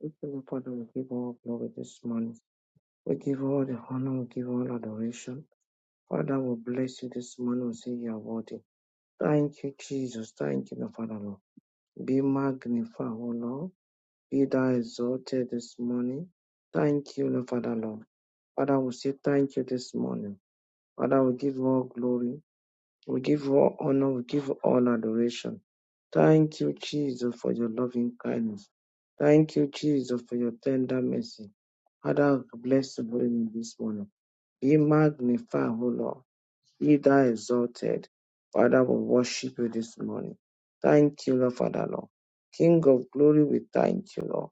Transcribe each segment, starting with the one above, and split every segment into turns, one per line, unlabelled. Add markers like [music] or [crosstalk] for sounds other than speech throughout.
We give you Father, we give all glory this morning. We give all the honor, we give all adoration. Father, we bless you this morning. We say you are worthy. Thank you, Jesus. Thank you, Father, Lord. Be magnified, O Lord. Be thou exalted this morning. Thank you, Lord, Father, Lord. Father, we say thank you this morning. Father, we give all glory. We give all honor. We give all adoration. Thank you, Jesus, for your loving kindness. Thank you, Jesus, for your tender mercy. Father, bless the holy name this morning. Be magnified, O Lord. Be thou exalted. Father, we worship you this morning. Thank you, Lord, Father, Lord. King of glory, we thank you, Lord.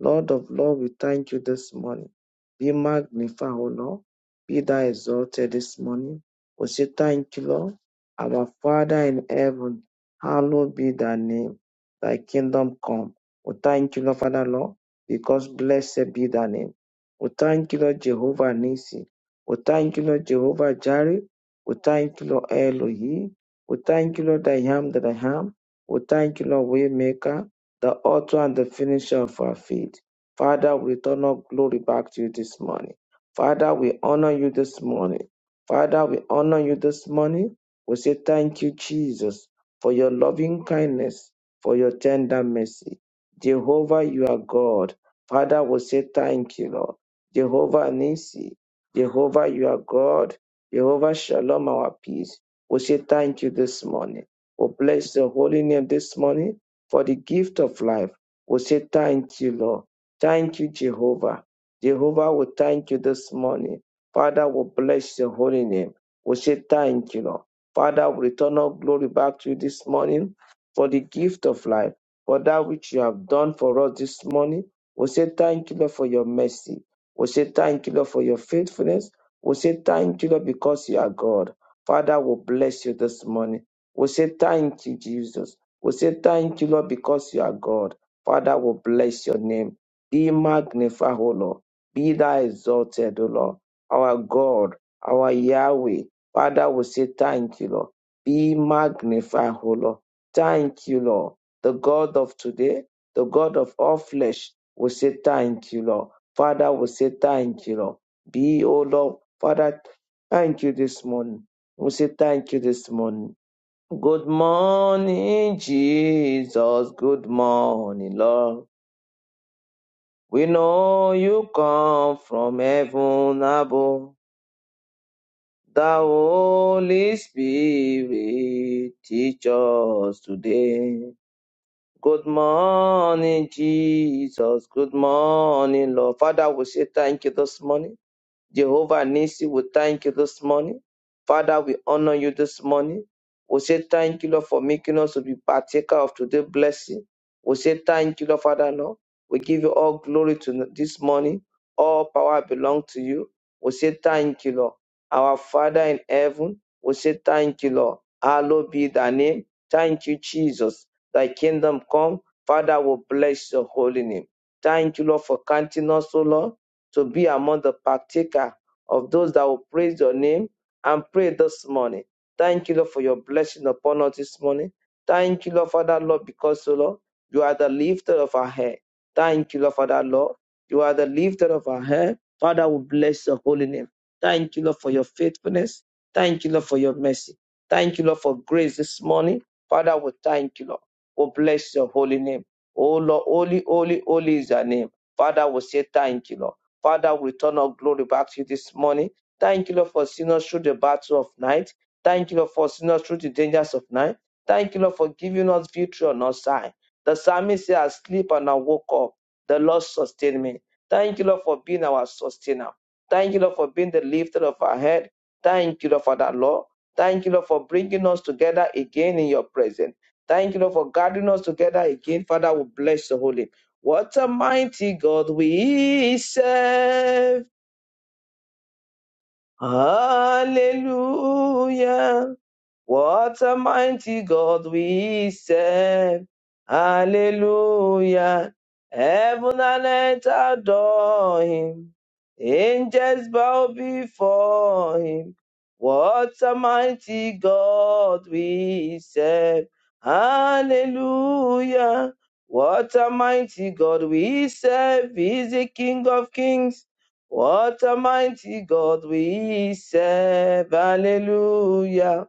Lord of Lord, we thank you this morning. Be magnified, O Lord. Be thou exalted this morning. We say thank you, Lord. Our Father in heaven, hallowed be thy name. Thy kingdom come. We thank you, Lord, Father, Lord, because blessed be thy name. We thank you, Lord, Jehovah Nissi. We thank you, Lord, Jehovah Jireh. We thank you, Lord Elohi. We thank you, Lord, I am that I am. We thank you, Lord Waymaker, the author and the finisher of our faith. Father, we return all glory back to you this morning. Father, we honor you this morning. Father, we honor you this morning. We say thank you, Jesus, for your loving kindness, for your tender mercy. Jehovah, you are God. Father, we say thank you, Lord. Jehovah Nisi, Jehovah, you are God. Jehovah Shalom, our peace. We say thank you this morning. We bless your holy name this morning for the gift of life. We say thank you, Lord. Thank you, Jehovah. Jehovah, we thank you this morning. Father, we bless your holy name. We say thank you, Lord. Father, we return all glory back to you this morning for the gift of life, for that which you have done for us this morning. We say thank you, Lord, for your mercy. We say thank you, Lord, for your faithfulness. We say thank you, Lord, because you are God. Father, we bless you this morning. We say thank you, Jesus. We say thank you, Lord, because you are God. Father, we bless your name. Be magnified, O Lord. Be thou exalted, O Lord. Our God, our Yahweh. Father, we say thank you, Lord. Be magnified, O Lord. Thank you, Lord. The God of today, the God of all flesh, we say thank you, Lord. Father, we say thank you, Lord. Be, O Lord, Father, thank you this morning. We say thank you this morning. Good morning, Jesus. Good morning, Lord. We know you come from heaven above. The Holy Spirit teach us today. Good morning, Jesus. Good morning, Lord. Father, we say thank you this morning. Jehovah Nisi, we thank you this morning. Father, we honor you this morning. We say thank you, Lord, for making us to be partaker of today's blessing. We say thank you, Lord, Father, Lord. We give you all glory to this morning. All power belongs to you. We say thank you, Lord. Our Father in heaven, we say thank you, Lord. Hallowed be thy name. Thank you, Jesus. Thy kingdom come. Father, we bless your holy name. Thank you, Lord, for counting us, O Lord to be among the partaker of those that will praise your name and pray this morning. Thank you, Lord, for your blessing upon us this morning. Thank you, Lord, for that, Lord, because, oh Lord, you are the lifter of our head. Thank you, Lord, for that, Lord. You are the lifter of our head. Father, we bless your holy name. Thank you, Lord, for your faithfulness. Thank you, Lord, for your mercy. Thank you, Lord, for grace this morning. Father, we thank you, Lord. We bless your holy name. Oh, Lord, holy, holy, holy is your name. Father, we say thank you, Lord. Father, we return our glory back to you this morning. Thank you, Lord, for seeing us through the battle of night. Thank you, Lord, for seeing us through the dangers of night. Thank you, Lord, for giving us victory on our side. The psalmist said, I sleep and I woke up. The Lord sustained me. Thank you, Lord, for being our sustainer. Thank you, Lord, for being the lifter of our head. Thank you, Lord, for that, Lord. Thank you, Lord, for bringing us together again in your presence. Thank you, Lord, for gathering us together again. Father, we bless the holy name. What a mighty God we serve. Hallelujah. What a mighty God we serve. Hallelujah. Heaven and earth adore him. Angels bow before him. What a mighty God we serve. Hallelujah. What a mighty God we serve. He's the King of Kings. What a mighty God we serve. Hallelujah.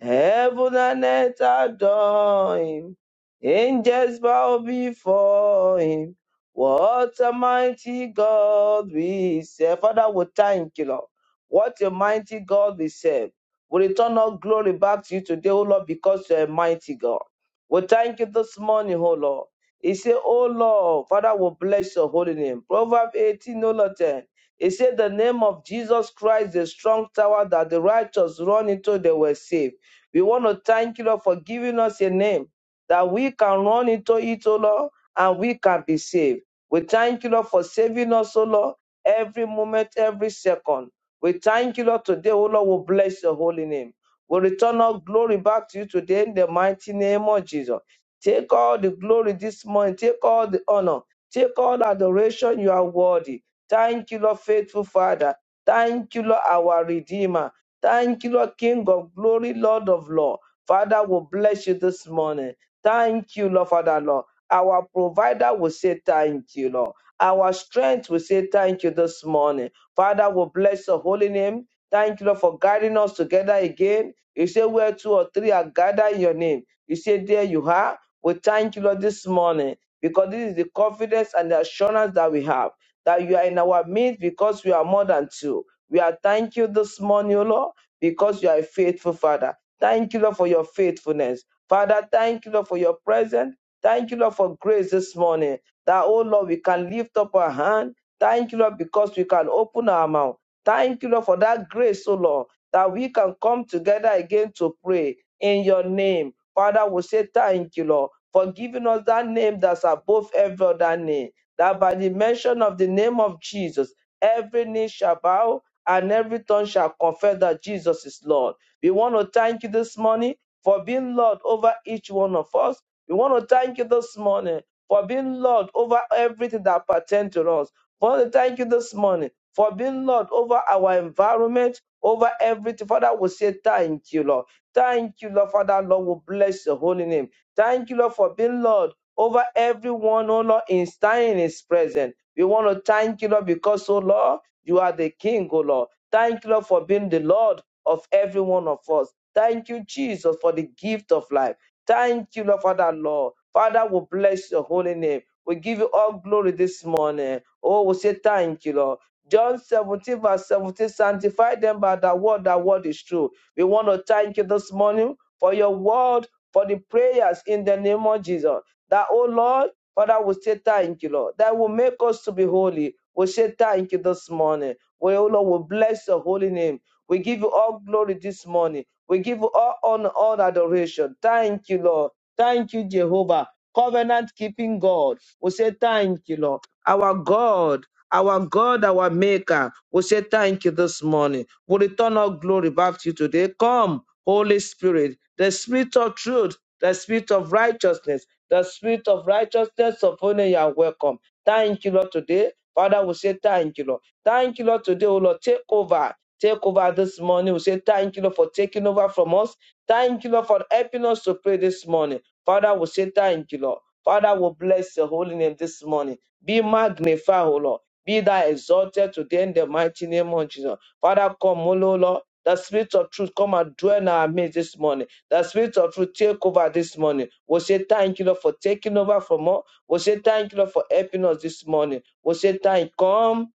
Heaven and earth adore him. Angels bow before him. What a mighty God we serve. Father, we thank you, Lord. What a mighty God we serve. We return all glory back to you today, O Lord, because you are a mighty God. We thank you this morning, O Lord. He said, O Lord, Father, we bless your holy name. Proverbs 18, O Lord 10. He said, The name of Jesus Christ, the strong tower that the righteous run into, they were saved. We want to thank you, Lord, for giving us a name that we can run into it, O Lord, and we can be saved. We thank you, Lord, for saving us, O Lord, every moment, every second. We thank you, Lord, today, O Lord, we bless your holy name. We return our glory back to you today in the mighty name of Jesus. Take all the glory this morning. Take all the honor. Take all the adoration. You are worthy. Thank you, Lord, faithful Father. Thank you, Lord, our Redeemer. Thank you, Lord, King of glory, Lord of Lord. Father will bless you this morning. Thank you, Lord, Father, Lord. Our provider will say thank you, Lord. Our strength will say thank you this morning. Father will bless your holy name. Thank you, Lord, for guiding us together again. You say where two or three are gathered in your name. You say there you are. We thank you, Lord, this morning because this is the confidence and the assurance that we have that you are in our midst because we are more than two. We are thank you this morning, O Lord because you are a faithful Father. Thank you, Lord, for your faithfulness. Father, thank you, Lord, for your presence. Thank you, Lord, for grace this morning. That, oh Lord, we can lift up our hand. Thank you, Lord, because we can open our mouth. Thank you, Lord, for that grace, oh Lord, that we can come together again to pray in your name. Father, we say thank you, Lord, for giving us that name that's above every other name. That by the mention of the name of Jesus, every knee shall bow and every tongue shall confess that Jesus is Lord. We want to thank you this morning for being Lord over each one of us. We want to thank you this morning for being Lord over everything that pertains to us. We want to thank you this morning for being Lord over our environment, over everything. Father, we say thank you, Lord. Thank you, Lord, Father, Lord, we bless your holy name. Thank you, Lord, for being Lord over everyone, oh Lord, in standing is present. We want to thank you, Lord, because, oh Lord, you are the King, O Lord. Thank you, Lord, for being the Lord of every one of us. Thank you, Jesus, for the gift of life. Thank you, Lord, Father, Lord. Father, we bless your holy name. We give you all glory this morning. Oh, we say thank you, Lord. John 17, verse 17, sanctify them by the word, that word is true. We want to thank you this morning for your word, for the prayers in the name of Jesus. That, oh Lord, Father, we say thank you, Lord. That will make us to be holy. We say thank you this morning. We, oh Lord, we bless your holy name. We give you all glory this morning. We give you all honor, all adoration. Thank you, Lord. Thank you, Jehovah. Covenant keeping God. We say thank you, Lord. Our God, our God, our Maker. We say thank you this morning. We return our glory back to you today. Come, Holy Spirit, the Spirit of truth, the Spirit of righteousness, the Spirit of righteousness upon you. You are welcome. Thank you, Lord, today Father, we say thank you, Lord. Thank you, Lord, today, oh Lord. Take over. Take over this morning. We say thank you, Lord, for taking over from us. Thank you, Lord, for helping us to pray this morning. Father, we say thank you, Lord. Father, we bless your holy name this morning. Be magnified, O Lord. Be thou exalted today in the mighty name of Jesus. Father, come, O Lord. The spirit of truth come and dwell in our midst this morning. The spirit of truth take over this morning. We say thank you, Lord, for taking over from us. We say thank you, Lord, for helping us this morning. We'll say, time, come,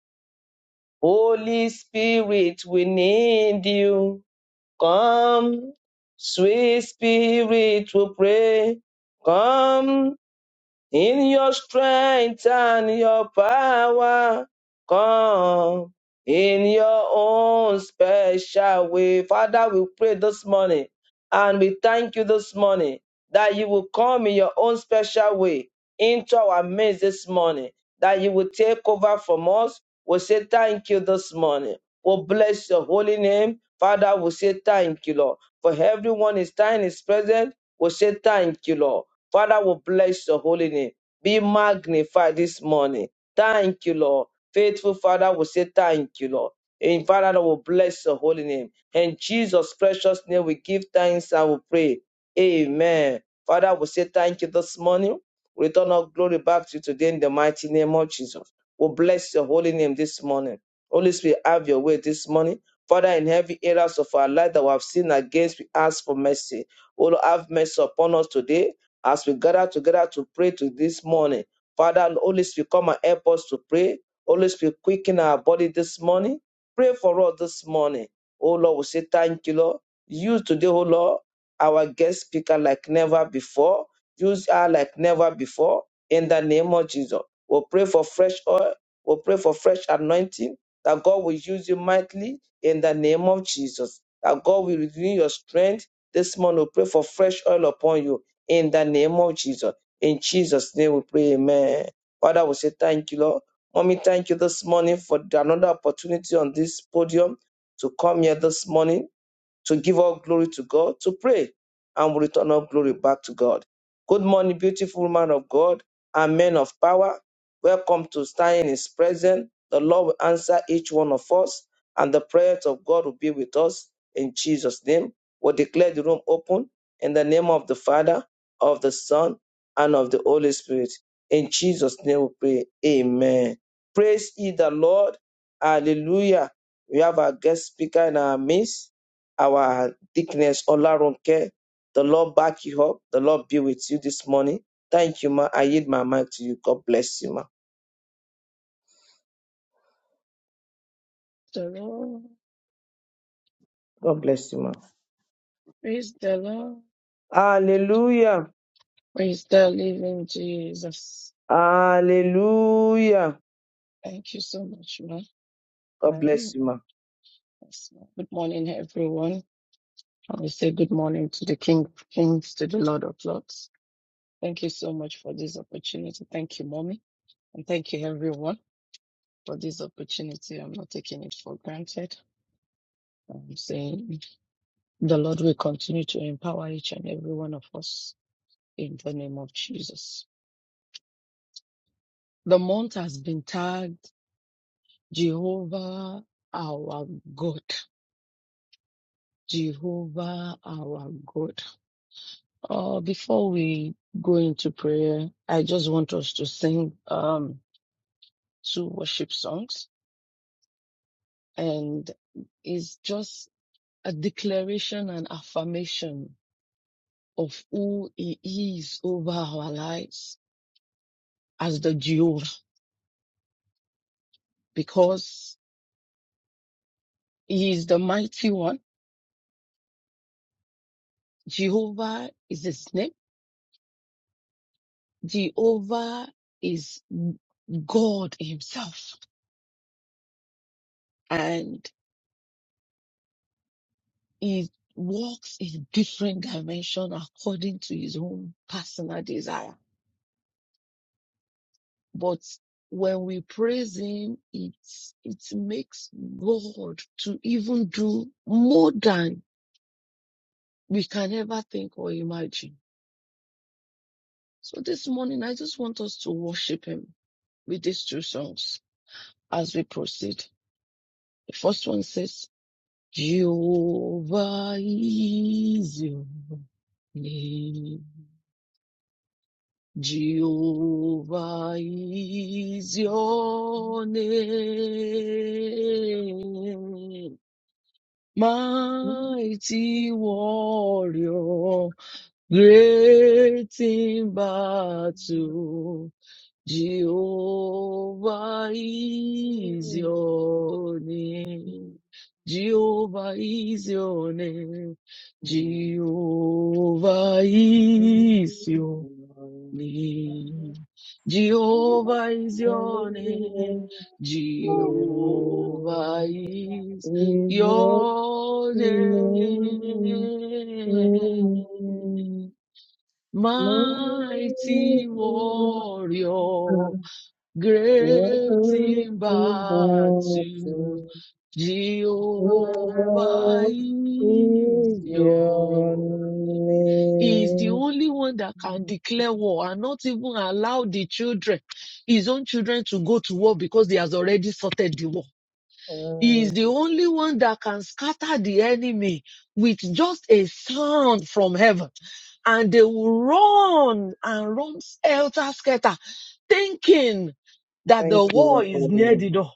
Holy Spirit, we need you. Come, sweet Spirit, we pray. Come, in your strength and your power, come in your own special way. Father, we pray this morning and we thank you this morning that you will come in your own special way into our midst this morning, that you will take over from us. We'll say thank you this morning. We'll bless your holy name. Father, we'll say thank you, Lord. For everyone is time is present, we'll say thank you, Lord. Father will bless your holy name. Be magnified this morning. Thank you, Lord. Faithful Father will say thank you, Lord. And Father will bless your holy name. In Jesus' precious name, we give thanks and we pray. Amen. Father, we say thank you this morning. We return our glory back to you today in the mighty name of Jesus. We bless your holy name this morning. Holy Spirit, have your way this morning. Father, in every areas of our life that we have sinned against, we ask for mercy. O Lord, have mercy upon us today as we gather together to pray to this morning. Father, Holy Spirit, come and help us to pray. Holy Spirit, quicken our body this morning. Pray for us this morning. Oh Lord, we say thank you, Lord. Use today, oh Lord, our guest speaker like never before. Use her like never before. In the name of Jesus. We'll pray for fresh oil. We'll pray for fresh anointing. That God will use you mightily in the name of Jesus. That God will renew your strength. This morning, we pray for fresh oil upon you in the name of Jesus. In Jesus' name we pray, amen. Father, we say thank you, Lord. Mommy, thank you this morning for another opportunity on this podium to come here this morning to give all glory to God, to pray, and we return all glory back to God. Good morning, beautiful woman of God and men of power. Welcome to stand in His presence. The Lord will answer each one of us, and the prayers of God will be with us in Jesus' name. We'll declare the room open in the name of the Father, of the Son, and of the Holy Spirit. In Jesus' name we pray. Amen. Praise ye the Lord. Hallelujah. We have our guest speaker in our midst our deaconess Olarunke. The Lord back you up. The Lord be with you this morning. Thank you, ma. I yield my mic to you. God bless you, ma.
the Lord.
God bless you, ma.
Praise the Lord.
Hallelujah.
Praise the living Jesus.
Hallelujah.
Thank you so much, ma.
God
Um,
bless you, ma.
yes, ma. good morning, everyone. I will say good morning to the King of Kings, to the Lord of Lords. Thank you so much for this opportunity. Thank you, mommy. And thank you, everyone, for this opportunity. I'm not taking it for granted. I'm saying the Lord will continue to empower each and every one of us in the name of Jesus. The month has been tagged Jehovah our God. Jehovah our God. Uh, before we go into prayer, I just want us to sing um, two worship songs. And it's just a declaration and affirmation of who He is over our lives as the Jehovah, because He is the mighty one. Jehovah is His name. Jehovah is God Himself. and he walks in different dimension according to his own personal desire. But when we praise him, it it makes God to even do more than we can ever think or imagine. So this morning, I just want us to worship him with these two songs as we proceed. The first one says, Jehovah is your name. Jehovah is your name, mighty warrior, great in battle. Jehovah is your name. Jehovah is your name. Jehovah is your name.
Jehovah
Jehovah is your name.
is
Jehovah is your
[laughs] Oh, Thank you,
name. Mighty
Lord.
warrior,
Father Lord.
great in battle, Jehovah is your he is the only one that can declare war and not even allow the children, his own children, to go to war because he has already sorted the war. He is the only one that can scatter the enemy with just a sound from heaven. And they will run and run helter skelter, thinking that the
Thank
war
you, Lord.
is near the door.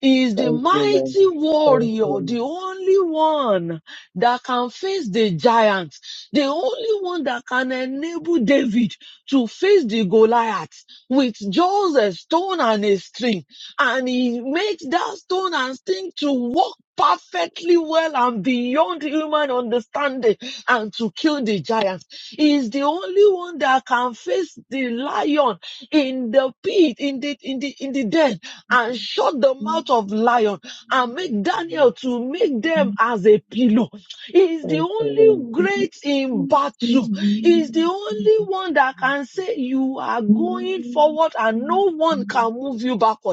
He is the
Thank you. Thank you, Lord.
mighty warrior, the only one that can face the giant, the only one that can enable David to face the Goliath with just a stone and a string and he makes that stone and thing to walk perfectly well and beyond human understanding and to kill the giants. He is the only one that can face the lion in the pit, in the, in the, in the den and
Thank
shut the mouth of lion and make Daniel to make them as a pillow. He is the
Thank you, Lord.
only great in battle. He is the only one that can say you are going forward and no one can move you backward.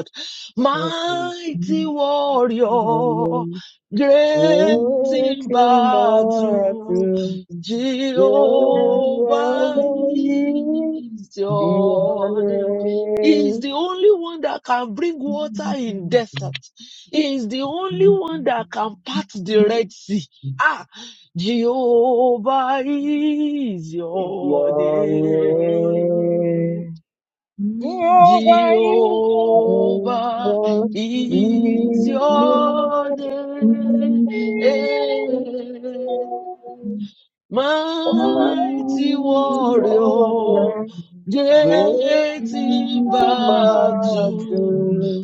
Thank you.
Mighty warrior,
Amen.
great
Good
in
in
battle,
battle,
Jehovah
Jehovah
is
Your
your name. He is
name
the only one that can bring water in desert. He is the only one that can part the Red Sea. Ah, Jehovah is
is
your
your
name.
name.
Jehovah
Your
is
name is
your
your
name. Mighty warrior,
name. Warrior,
you.
great
great in
Thank
battle,
martyr,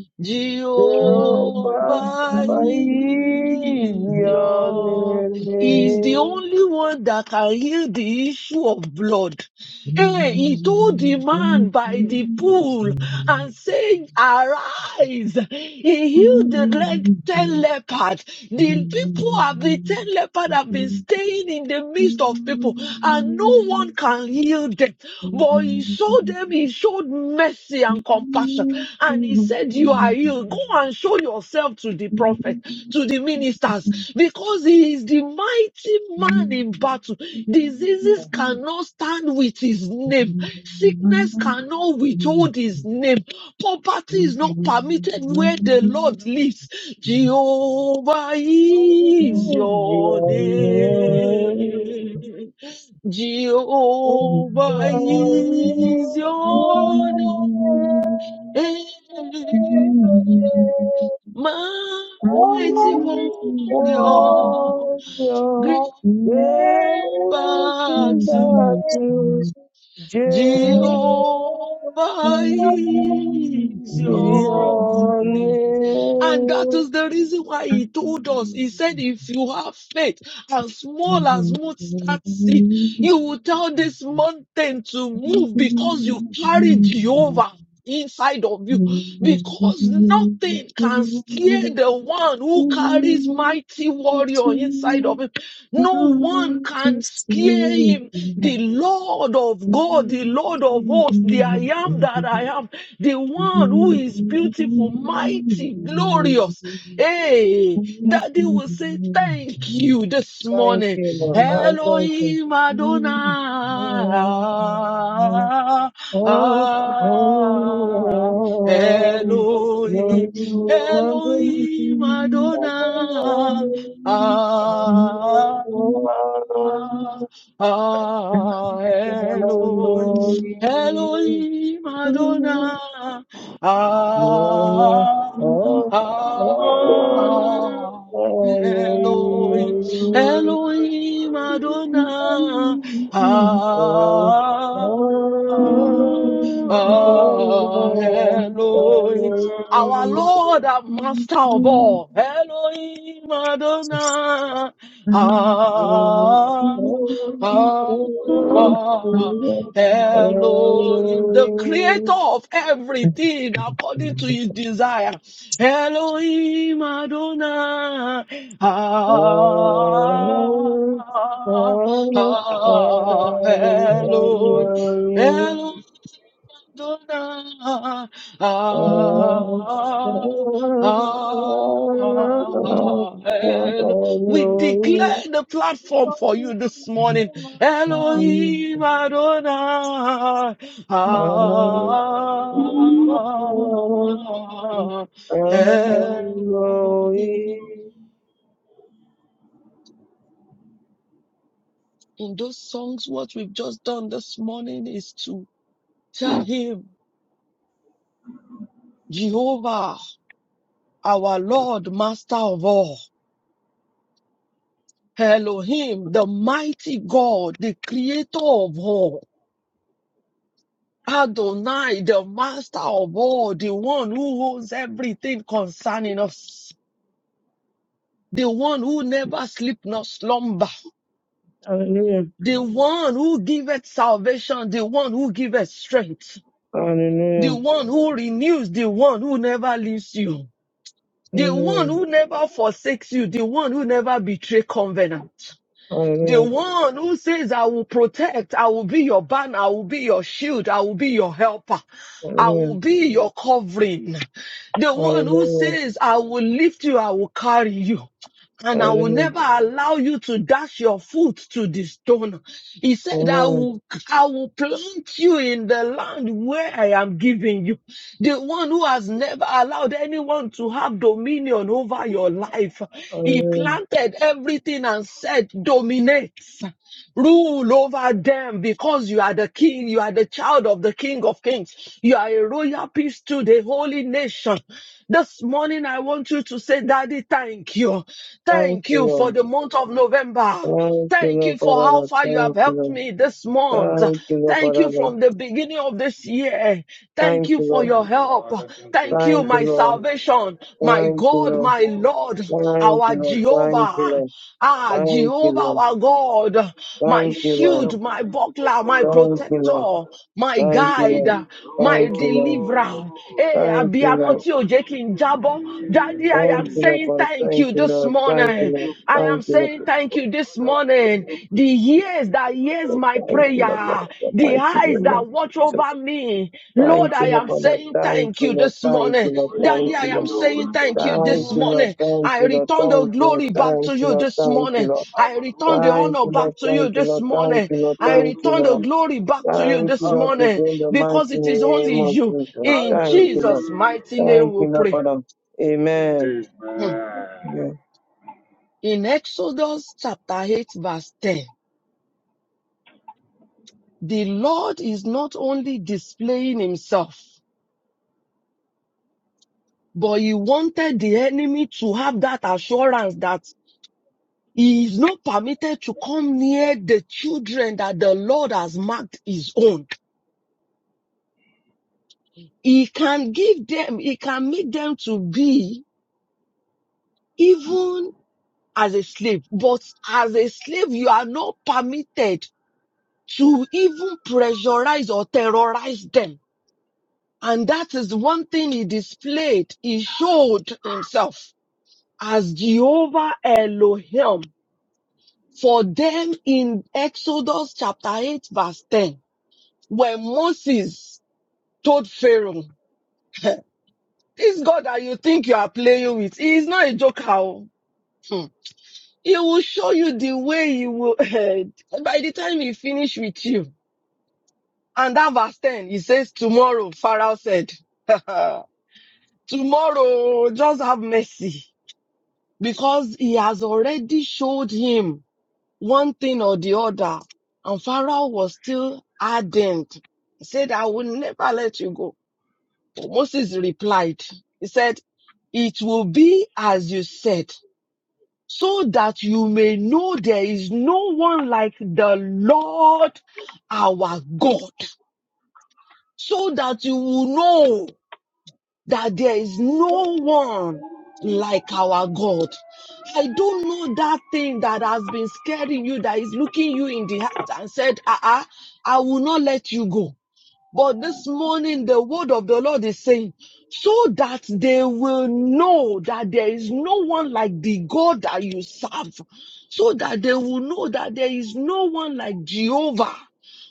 Jehovah,
Jehovah
by
is
your
your, is the
name,
only one that can heal the issue of blood. Hey, he told the man by the pool and said, arise. He healed the leg, ten lepers. The people have been ten leopard have been staying in the midst of people, and no one can heal them. But he showed them, he showed mercy and compassion, and he said, "You are healed. Go and show yourself to the prophet, to the ministers, because he is the mighty man in battle. Diseases
you.
cannot stand with his
Thank
name. Sickness cannot withhold his name. Poverty is not permitted where the Lord lives. Jehovah is your
your name.
name.
Thank you,
Jehovah
Lord.
is your name.
I thank
Mighty warrior, great battle. Jehovah is your name. And that is the reason why he told us. He said, if you have faith as small as mustard seed,
you.
you will tell this mountain to
Thank
move because you carry Jehovah inside of you. Because nothing can scare the one who carries mighty warrior inside of him. No one can scare him the Lord of God, the Lord of hosts, the I am that I am, the one who is beautiful, mighty, glorious. Hey, Daddy will say thank you this morning.
you.
Elohim Adonai.
Oh, oh, oh,
Ah,
oh, oh.
Elohim,
Your name
Elohim Adonai.
you.
Ah,
Thank
Ah,
you.
Eloi, Elohim Adonai. Ah, ah,
Thank
ah, Eloi, Elohim Adonai. Ah, ah,
Hallelujah.
ah, Eloi. Our Lord and Master of all, Elohim Adonai. Ah, Ah, ah, Elohim, the creator of everything according to his desire. Elohim Adonai. Ah,
Hallelujah.
ah,
Hallelujah.
ah, Elohim.
Hallelujah.
Elohim Adonai.
Hallelujah.
Ah, ah, El- We
Hallelujah.
declare the platform for you this morning. Elohim Adonai. Ah, Elohim. In those songs, what we've just done this morning is to tell him, Jehovah, our Lord, Master of all. Elohim, the mighty God, the creator of all. Adonai, the master of all, the one who holds everything concerning us, the one who never sleep nor slumber, the one who giveth salvation, the one who giveth strength, the
Hallelujah.
one who renews, the one who never leaves you, the one
Hallelujah.
who never forsakes you, the one who never betray covenant. The one who says, I will protect, I will be your banner, I will be your shield, I will be your helper, I will be your covering. The one who says, I will lift you, I will carry you. And I will never allow you to dash your foot to the stone. He said, I
Amen.
will, I will plant you in the land where I am giving you the one who has never allowed anyone to have dominion over your life. He
Hallelujah.
planted everything and said, dominates, rule over them because you are the king, you are the child of the king of kings. You are a royal priest to the holy nation. This morning, I want you to say, Daddy, thank you.
Thank
Thank
you,
you
Lord.
for the month of November.
Thank you,
Thank you
Lord, for
for how
that.
far you have
Lord. Thank you,
helped
Lord.
me this month.
Thank you, Lord, for
Thank you
that. Lord.
from the beginning of this year. Thank
Thank
you
you,
for
Lord.
your
you,
help.
Father. Thank you,
Thank you,
Thank you,
Ancient
my
of
Lord.
Days.
salvation, my
Thank you,
God,
Lord.
my Lord,
Thank you,
our Jehovah,
Lord.
ah,
Thank you,
Jehovah,
Lord.
our God, my
Thank
Thank
you,
you,
Father,
Lord.
shield, my buckler,
for
my
Thank you,
Rotherham.
Lord.
protector, my
We
Thank you,
give
guide,
Lord.
you,
my
Thank you, Lord.
deliverer. Hey,
Thank you,
I
Abiyamo
Lord.
tí ò jẹ́ kí
worship
n
you,
jábọ́. Daddy, I am
Thank you, Lord. Thank you, Lord,
saying
for it.
thank
Thank
you
you,
this
Lord. Thank you,
morning.
Lord.
I am
Thank you, Lord.
saying thank you this
Thank
morning. The ears that hears my
you, Lord, for
prayer,
the
the
mighty
eyes
name
that
of
watch over
Jesus.
me, Lord,
Thank you,
I
Father.
Lord,
am
We
for
give
that.
saying
Thank
thank
you,
you
Lord.
this
Thank you,
morning.
Lord.
worship
Daddy,
Thank
I
you, Lord.
am
you,
saying thank you
Thank
this
you, Lord.
morning.
Thank
I
you, Lord.
return
Oh,
the
we
Thank you,
give
Lord.
glory
you
back
Thank
to
you,
you
Lord.
this
Thank you,
morning.
Lord.
I return the
hallelujah,
Thank
honor
you, Lord.
back to you
Thank you,
this
Lord. Thank
morning.
you, Lord.
I
Thank you,
return the
Lord.
glory back to you
Thank you,
this
Lord,
hallelujah,
to
morning
bring the
because
mighty
it is only
name of
you.
Jesus.
In
Thank you, Lord.
Jesus'
hallelujah.
mighty name
Thank
we
you, Lord,
pray.
for them.
Thank you.
Amen.
Hmm.
Amen.
Amen.
In Exodus chapter 8, verse 10, the Lord is not only displaying himself, but he wanted the enemy to have that assurance that He is not permitted to come near the children that the Lord has marked his own. He can give them, he can make them to be even as a slave, but as a slave, you are not permitted to even pressurize or terrorize them. And that is one thing he displayed. He showed himself as Jehovah Elohim for them in Exodus chapter 8 verse 10 when Moses told Pharaoh, [laughs] this God that you think you are playing with, he is not a joker. oh. Hmm. He will show you the way he will [laughs] by the time he finish with you. And that verse 10, he says, tomorrow, Pharaoh said, [laughs] tomorrow, just have mercy because he has already showed him one thing or the other. And Pharaoh was still ardent. He said, I will never let you go. Moses replied, he said, it will be as you said, so that you may know there is no one like the Lord our God, so that you will know that there is no one like our God. I don't know that thing that has been scaring you, that is looking you in the eyes and said, uh-uh, I will not let you go. But this morning, the word of the Lord is saying, so that they will know that there is no one like the God that you serve, so that they will know that there is no one like Jehovah,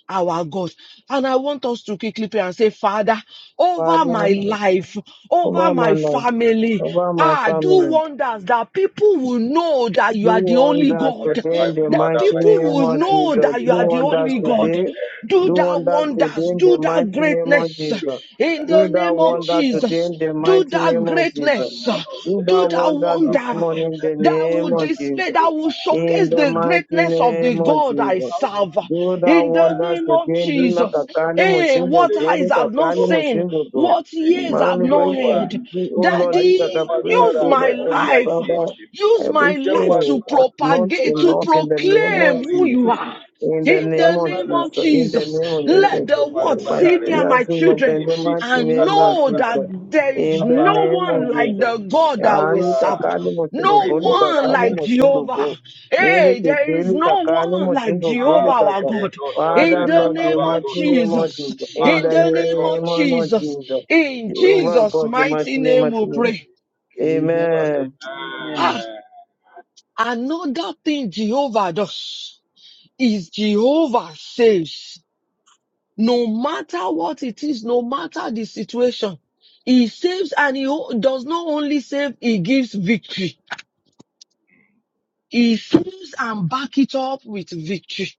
our God. And I want us to quickly pray and say, Father, over my
Father,
life, over
over my
my
life,
family,
over my
Ah, do
family.
wonders that people will know that you
Do
are the only
wonders
Yes,
God
today
my
in the
that
Father,
mighty
my
people
name
will
God,
of
I
Jesus.
know
beg
that
Do
you
you,
are
Lord
the
God,
wonders
only
Almighty,
God.
today.
Do
Do
that
wonders
wonders,
today in the
do that
mighty name of
greatness
to
Jesus.
in the
Do that
prove
name of
wonder
yourself.
today
Jesus.
in the
Do
mighty
that
name of
Father
Jesus.
greatness,
God,
Do
Let
do
that
them
that
know
wonder
you are
this
my
wonder
God.
morning in
Let
the
them
that
know
name
you
will
are
of
my
Jesus
display, that will
Jehovah.
in
showcase
the
the
mighty
greatness of the
name of
God I
Jesus.
How
serve
much you
Do that
think
in the
that
wonders
name of
today. Do not
Jesus.
kakali
Hey,
moshingo
what
ilé
go.
eyes
Do
have not
kakali
ìwọ́njọ́
seen,
moshingo go.
what
ẹgbẹ́
ears have
Man, break
not
ìyolúwa
heard,
every, oh
that
màmá
Lord, do kaka
the
jẹ́wọ́
break
agbára
use my
rẹ
over
nílé
every
life.
ayé
father,
tèmi
Use my
jẹ́wọ́
life
everything
to
agbára
that's
rẹ
not
propagate,
màmá
to
enough
ní
in the name
ìpín
of
proclaim
lórí
who you
ìdílé
Jesus.
mi
are.
In the
In
jẹ́wọ́
name
the
of
name
agbára
of
rẹ
Jesus. In the
Jesus,
name of
iṣẹ́ mi
let
Jesus.
the
jẹ́wọ́
world
In my
agbára
see
rẹ
me and my
fingers, in my hand,
lórí
children
in
èmi
the mighty
ti
and
name of
kalára
know that
Jesus.
mi
there is
In the
bàbá
no
name
bá
of
one
mi
like
Jesus.
the God that
Ah,
we
wá.
ni
serve.
kakali moshingo
No
go. Ni
Rebos
one
kakali
like
moshingo
Jehovah.
go.
Hey, there is no one like Jehovah our
Lelekekelikalimosingogulikata.
God. In
Father,
the
Lord, the
name of
mighty name of
Jesus.
Jesus. In
In
the
the name of
name of
Jesus.
Jesus.
In
So
Jehovah
Jesus'
God, the
mighty
mighty name
name
of
we
Jesus.
pray.
Amen.
Jesus,
Amen.
Amen.
amen.
Another thing Jehovah does is Jehovah saves. No matter what it is, no matter the situation, He saves and He o- does not only save, He gives victory. He saves and back it up with victory.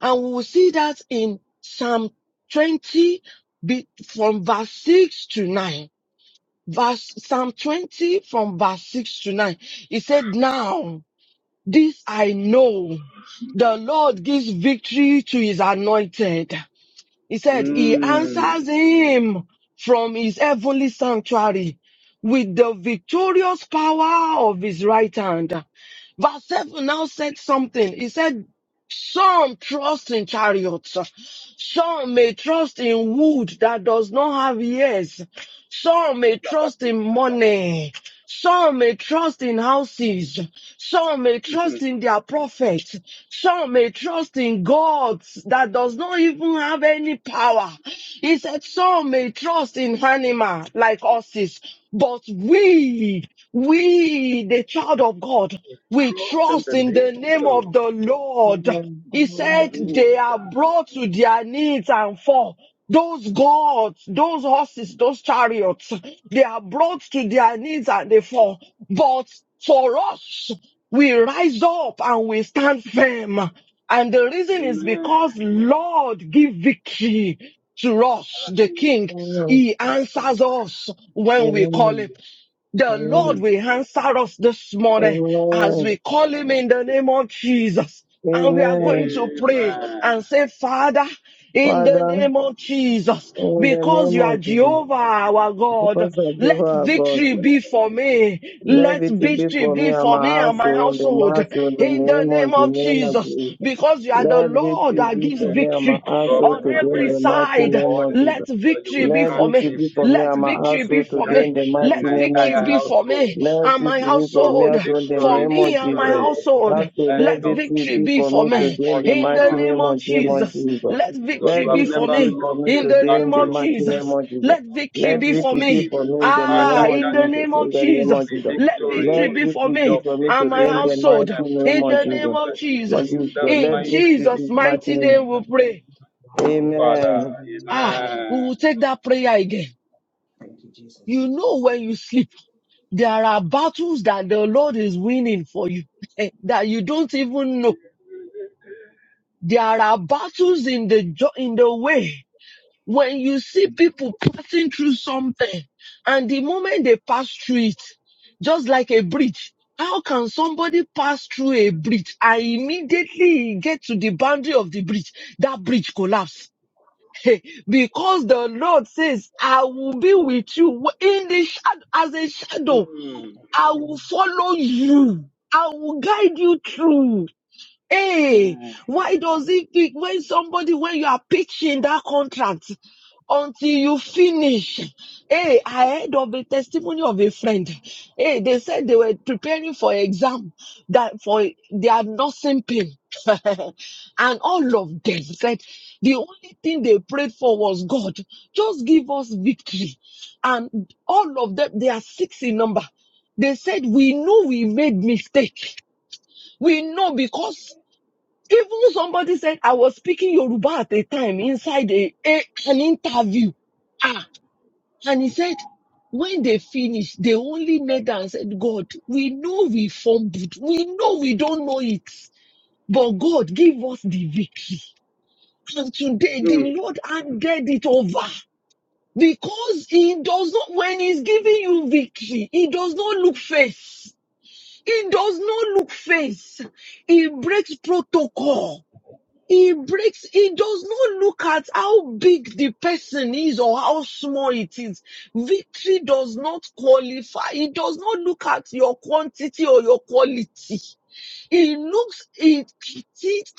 And we will see that in Psalm 20 be- from verse 6 to 9. Verse, Psalm 20 from verse 6 to 9. He said, now This I know. The Lord gives victory to his anointed. He said he
Mm.
answers him from his heavenly sanctuary with the victorious power of his right hand. Verse 7 now said something. He said, some trust in chariots. Some may trust in wood that does not have ears. Some may
He's about
trust
to-
in money. Some may trust in houses. Some may trust
[laughs]
in their prophets. Some may trust in gods that does not even have any power. He said, some may trust in animals like horses, but we, we, the child of God, we
Trust in
trust
the
in
name
the
of the
name of
Lord.
the Lord.
Amen.
He said they are
Hallelujah.
brought to their knees and fall. Those gods, those horses, those chariots, they are brought to their knees and they fall. But for us, we rise up and we stand firm. And the reason is
Amen.
because Lord give victory to us, the
Hallelujah.
Amen.
King.
Amen.
He answers us when we call
Amen.
him. The Lord
Mm.
will answer us this morning as
Amen. Amen.
we call him in the name of Jesus. And we are going
Amen.
to pray
Amen.
and say, Father, in the
Father,
name of Jesus,
in the
because
name
you are
of Jesus,
Jehovah our God,
because of
let
Jehovah God.
victory be for me.
Let
Let
it be
victory
for me
be
and my
for me and my
household, the
household.
household, the
In the
name
name
of the
of
name of
Jesus,
Jesus.
because you are the
Let it
Lord that
be
gives
for me and my
victory
I God, with
household
on
to
the
do
every
the
authority of
mighty
your
side.
name
word,
of Jesus.
Let
that you
victory
will
be
Let
grant
for me.
me
it be
victory.
for me
Let
and my
victory be
household
for
today
Grant
in
me.
the
me and
Let
mighty
my
name of
victory
entire
be
Jesus.
for
household
me
Let
and
it
my
be for me
victory,
household
also in the
for
victory,
name
me
of
and my
victory.
Jesus.
household.
Also,
Let
Let
let
your
it
victory
be
victory
be
for
be
for
me
my
me
today in the
in
mighty
the
portion
name
name
of
of name
in the name
of
Jesus.
of
Jesus.
Let
Jesus. You
Let
victory
have
be
it
for
never
be
me
for
lost
me
a
in the
today
name
in the
of
battle,
mighty name
Jesus.
of Jesus.
Let victory
a
Let
be
it
for
be
me.
for me
victim.
in the name
Ah,
Father,
of
in
grant
the
Jesus.
name of
In the
me
name
Jesus,
of
victory,
Jesus.
let victory
Let
be
victory.
for
it be
Your
me
for me
and
victory,
my
today in
let
the
it be
household.
my
mighty name
In
of
the
portion
name
Jesus.
of
Lord
Jesus,
in
Jesus,
the
in
mighty
let this
Jesus'
be
name of
mighty
mighty
name.
name, we
Jesus.
pray.
Father,
Amen.
Ah,
Amen.
we will
amen.
take that prayer again.
Thank you,
You
Jesus.
know, when you sleep, there are battles that the Lord is winning for you [laughs] that you don't even know There are battles in the jo- in the way. When you see people passing through something, and the moment they pass through it, just like a bridge, how can somebody pass through a bridge and immediately get to the boundary of the bridge? That bridge collapse. [laughs] Hey, because the Lord says, I will be with you in the shadow, as a shadow.
Mm,
I will follow you. I will guide you through. Hey,
amen.
why does it pick when somebody, when you are pitching that contract until you finish? Hey, I heard of a testimony of a friend. Hey, they said they were preparing for exam that for their nursing pain. [laughs] and all of them said the only thing they prayed for was God, just give us victory. And all of them, they are six in number. They said, we know we made mistake. We know because even somebody said I was speaking Yoruba at a time inside a, a- an interview. Ah, and he said, when they finished, they only knelt and said, God, we know we fumbled. We know we don't know it. But God give us the victory. And today the
Mm.
Lord handed it over. Because he does not, when he's giving you victory, he does not look face. He does not look face. He breaks protocol. He breaks, he does not look at how big the person is or how small it is. Victory does not qualify. He does not look at your quantity or your quality. He looks at it,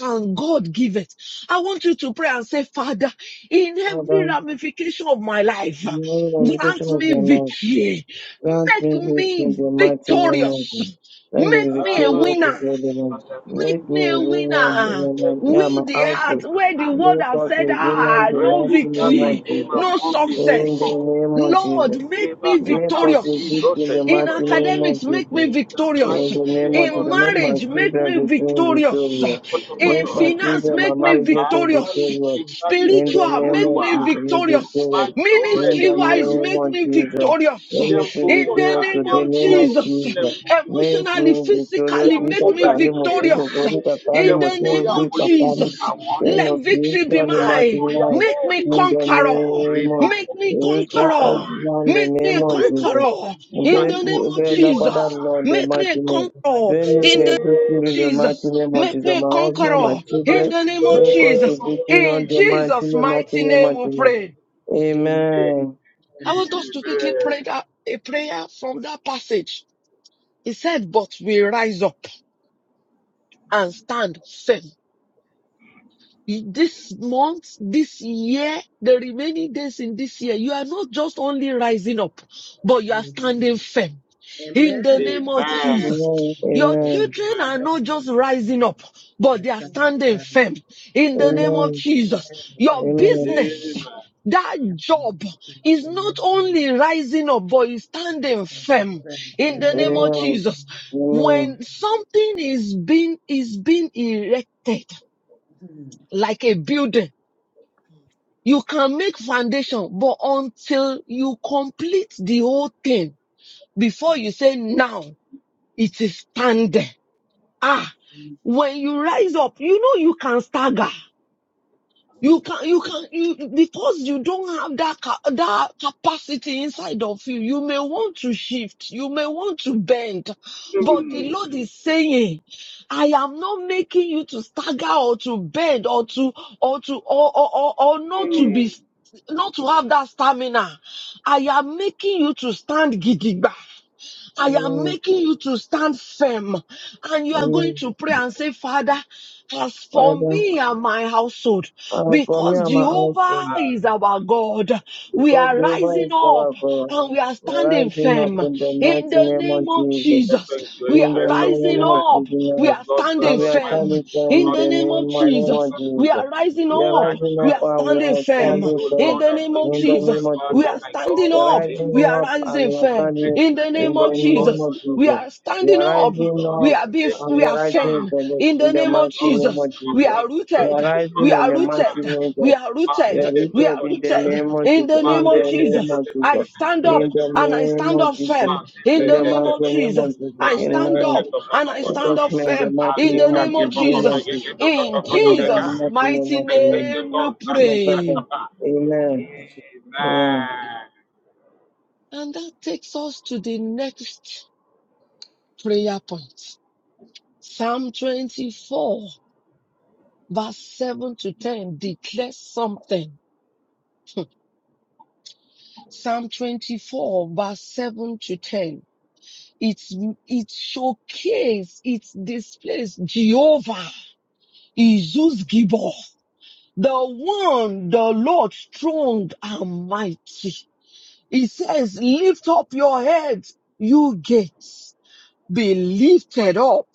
and God give it. I want you to pray and say, Father, in every
Father.
ramification of my life,
Lord,
grant
invocation of
me
the
victory.
creation of their life, grant me
Make
faith in
me
the mighty name of
victorious.
Jesus. Let me
Make
be
Ah,
me a
man.
victorious to
winner.
God alone.
Make
Make me
me
a
a
winner,
winner.
winner, me and
Where
my
the heart,
household.
where the world
Make
have
us a
said,
winner
ah,
in the
no
mighty
Register
name
my
victory,
of
name
Jesus.
no
among the
In
success.
the
victor.
name of
Lord,
Jesus.
make
Deva
me
Make
Kata,
us a
be
victorious.
victory in
rotten.
the
In
mighty name of
academics, make
Jesus.
me
In the
victorious.
In the
mighty
name
name
of
of
In
Jesus, make my
marriage,
Jesus.
make me
children victorious,
victorious.
victorious.
In
Make my
Kotokoto.
finance,
children, my
make me
marriage,
Bàbá,
make us
bá
victorious.
mi gbé,
victorious.
bá mi gbé
In the
Spiritual,
nínú
name
make
of
Olúwa.
me
Jesus, make
victorious.
Má
victorious.
jẹ́ ọ̀rẹ́
In
Ministry
the
wise,
name
make
of
me
Jesus,
victorious.
let me be
In the
ọ̀tá,
victorious to
name
the
jẹ́ ń
of
name
borí
of
Jesus.
Jesus. Make
Emotionally,
me victorious.
jẹ́
physically,
ń
Be
make
borí
me
kakali
àjẹ́
mosuru,
victorious.
boru kakali
jẹ́
In
ń
the
borí
mosuru,
name
àwọn
be
of
olóògùn
kakali.
ìka
Jesus.
wọn ni
Train
Let
us
victory be
for the
jẹ́ ń
mighty
mine.
borí
life.
ayé
Make me
In the
conqueror.
name
rèébá
of
Make me
ọ̀kùnṣìkà
Jesus, of
conqueror.
the
Make me
name
a
of
lèbrékò
Jesus.
conqueror in the
Break me,
ìṣàǹkọ̀
name of
break my
kébọ́nà
father
Jesus.
Lord, in the
Make
mighty
me a
name.
conqueror
Then
ìgbàgbé
make
in
me
the
a
name
victim
of
in the mighty
Jesus.
name of
Make
Jesus.
me a
My husband,
Amen. Amen.
my
conqueror in
children,
the name of
make us a
Jesus.
Amen.
victim on
In
the mighty
Amen.
Jesus'
name, mighty
mighty
name,
name
mighty
we
name.
pray.
Amen.
Amen.
I want us to quickly pray
ìbẹ̀
that a prayer from that passage. He said, but we rise up and stand firm this month, this year, the remaining days in this year, you are not just only rising up, but you are standing
Hallelujah.
firm. In the
Amen.
name of
Thank
Jesus,
Amen.
you,
your
Jesus.
Amen.
children are not just rising up, but they
Let's
are
start
Amen.
with
standing
that.
firm. In the
Amen.
name of
Amen.
Jesus, your
Thank you, Jesus.
Amen.
business, that job is not
Amen.
only rising up, but is
Let's
standing
start with
firm.
that.
In the name
Amen.
of
Amen.
Amen.
Jesus,
Amen.
when something is being is being erected
Thank
like a building. You can make foundation, but until you complete the whole thing before you say now it is standing. Ah, when you rise up, you know you can stagger. You can you can you because you don't have that ca- that capacity inside of you. You may want to shift, you may want to bend, but the
ìbẹ̀
Lord is saying, "I am not making you to stagger or to bend or to or to or or or, or not to be."
ìbẹ̀.
Not to have that stamina. I am making you to stand gidigba. I am
Amen.
making you to stand firm and you are going
Amen.
to pray and say, Father, as for
Father,
me and my household,
as for me
because
and my
Jehovah
husband,
is our God, we
because
are
Jehovah
rising
is
up
our God,
and we are
we
standing
rise him up
firm.
in the
In
mighty
the
name
name
of
of
Jesus.
Jesus,
second
we
In the
are
creations
name
of the
rising
of
up. We
For
Jesus.
are
Lord God
And
standing
we are
firm.
standing
Almighty, you
In
firm in
not
the
the
be
name
to
of
name of,
rest.
name
Jesus,
of
not
we
Jesus.
are rising
We are
up.
stand
rising
We
up
are
firm
and we
standing
are
in
firm.
standing
you,
In
firm
Lord,
the
and
name
with
of
in the
you, my
name
Jesus,
of
we
Father,
Jesus.
are
my
standing
God,
We are
in the
up.
name
We
of
rising
are
up
Jesus.
and
rising
we are
firm.
Thank
standing
In the
you
name
in the
of
because Lord
name
Jesus,
of
God
we
Jesus.
are
Almighty,
We
standing
are
up.
rising
Lord,
We
up
you
are
will
being,
take
and
me
we
we are
are
to
rising
firm.
stand.
in the,
In the
in the
name
Yes,
of
mighty
Lord, you
name
Jesus,
will
of
we
cause
Jesus.
me
are
to
We
stand.
are
rooted.
You will
rising
We
cause
in
me
are
the
to
mighty
stand.
rooted.
name
We
of
are
Ma
We
le
rooted.
are
de
We
rooted
are
in the
kotoshka.
rooted.
name of
In
Jesus.
the
Ma
name
In
le
of
the
de de
name
de
Jesus,
of
de de de
I
Jesus.
de
stand
de de de de
up
In
de
the
and I
de de
name
stand
de
of
up
Jesus.
firm
Amen.
in
In
the
the
name
mighty
of
name of
Jesus.
Jesus.
I stand
Amen.
up and I stand
Yes,
up
ma'am. The
firm
mighty
in the
name of
name of
Jesus. name of
Jesus.
Jesus.
In
In the
Jesus'
mighty name
mighty
of Jesus.
name we
No
pray.
problem. Amen. Amen.
And that takes us to the next prayer point. Psalm 24 verse 7 to 10 declares something. Psalm 24 verse 7 to 10. It's, it showcase, it displays Jehovah is Zeus Gibor. The one, the Lord strong and mighty. He says, lift up your heads, you gates. Be lifted up,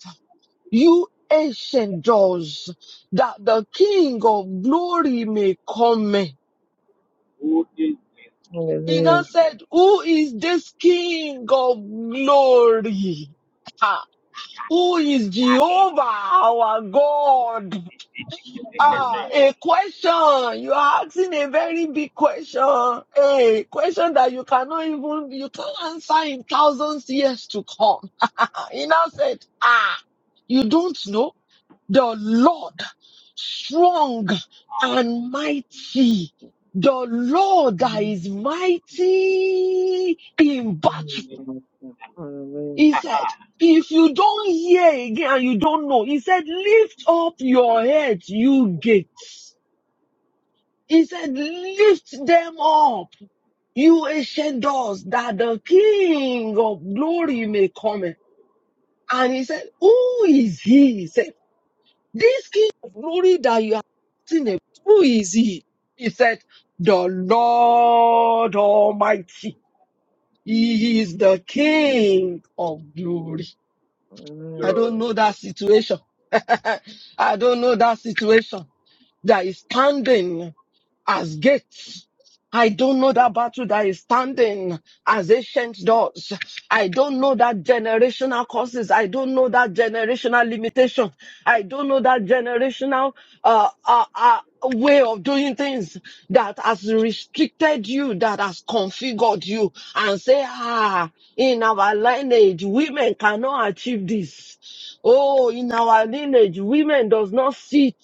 you ancient doors, that the King of glory may come in.
Who is
He now
Hallelujah.
said, who is this King of glory? Ha! Who is Jehovah our God? Ah, a question. You are asking a very big question. A question that you cannot even, you can answer in thousands years to come. [laughs] he now said, ah, you don't know the Lord strong and mighty. The Lord that
Amen.
is mighty in battle.
Hallelujah.
He said, if you don't hear again and you don't know, he said, lift up your head, you gates. He said, lift them up, you ancient doors, that the King of glory may come. in." And he said, who is he? He said, this king you are talking about. He said, the Lord Almighty. He is the King of glory.
the
I
Hallelujah.
Lord?
don't know that situation. [laughs] I don't know that situation that is standing. as gates. I don't know that battle that is standing as ancient doors. I don't know that generational causes. I don't know that generational limitation. I don't know that generational uh, uh, uh, way of doing things that has restricted you, that has configured you, and say, ah, in our lineage, women cannot achieve this. Oh, in our lineage, women does not sit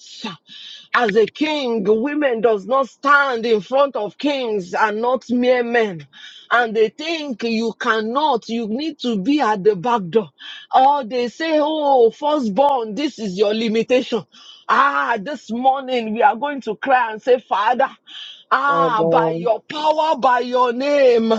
as a king, women does not stand in front of kings and not mere men. And they think you cannot, you need to be at the back door. Or they say, oh, firstborn, this is your limitation. Ah, this morning we are going to cry and say, Father, Ah, by
Father,
your power, by your name,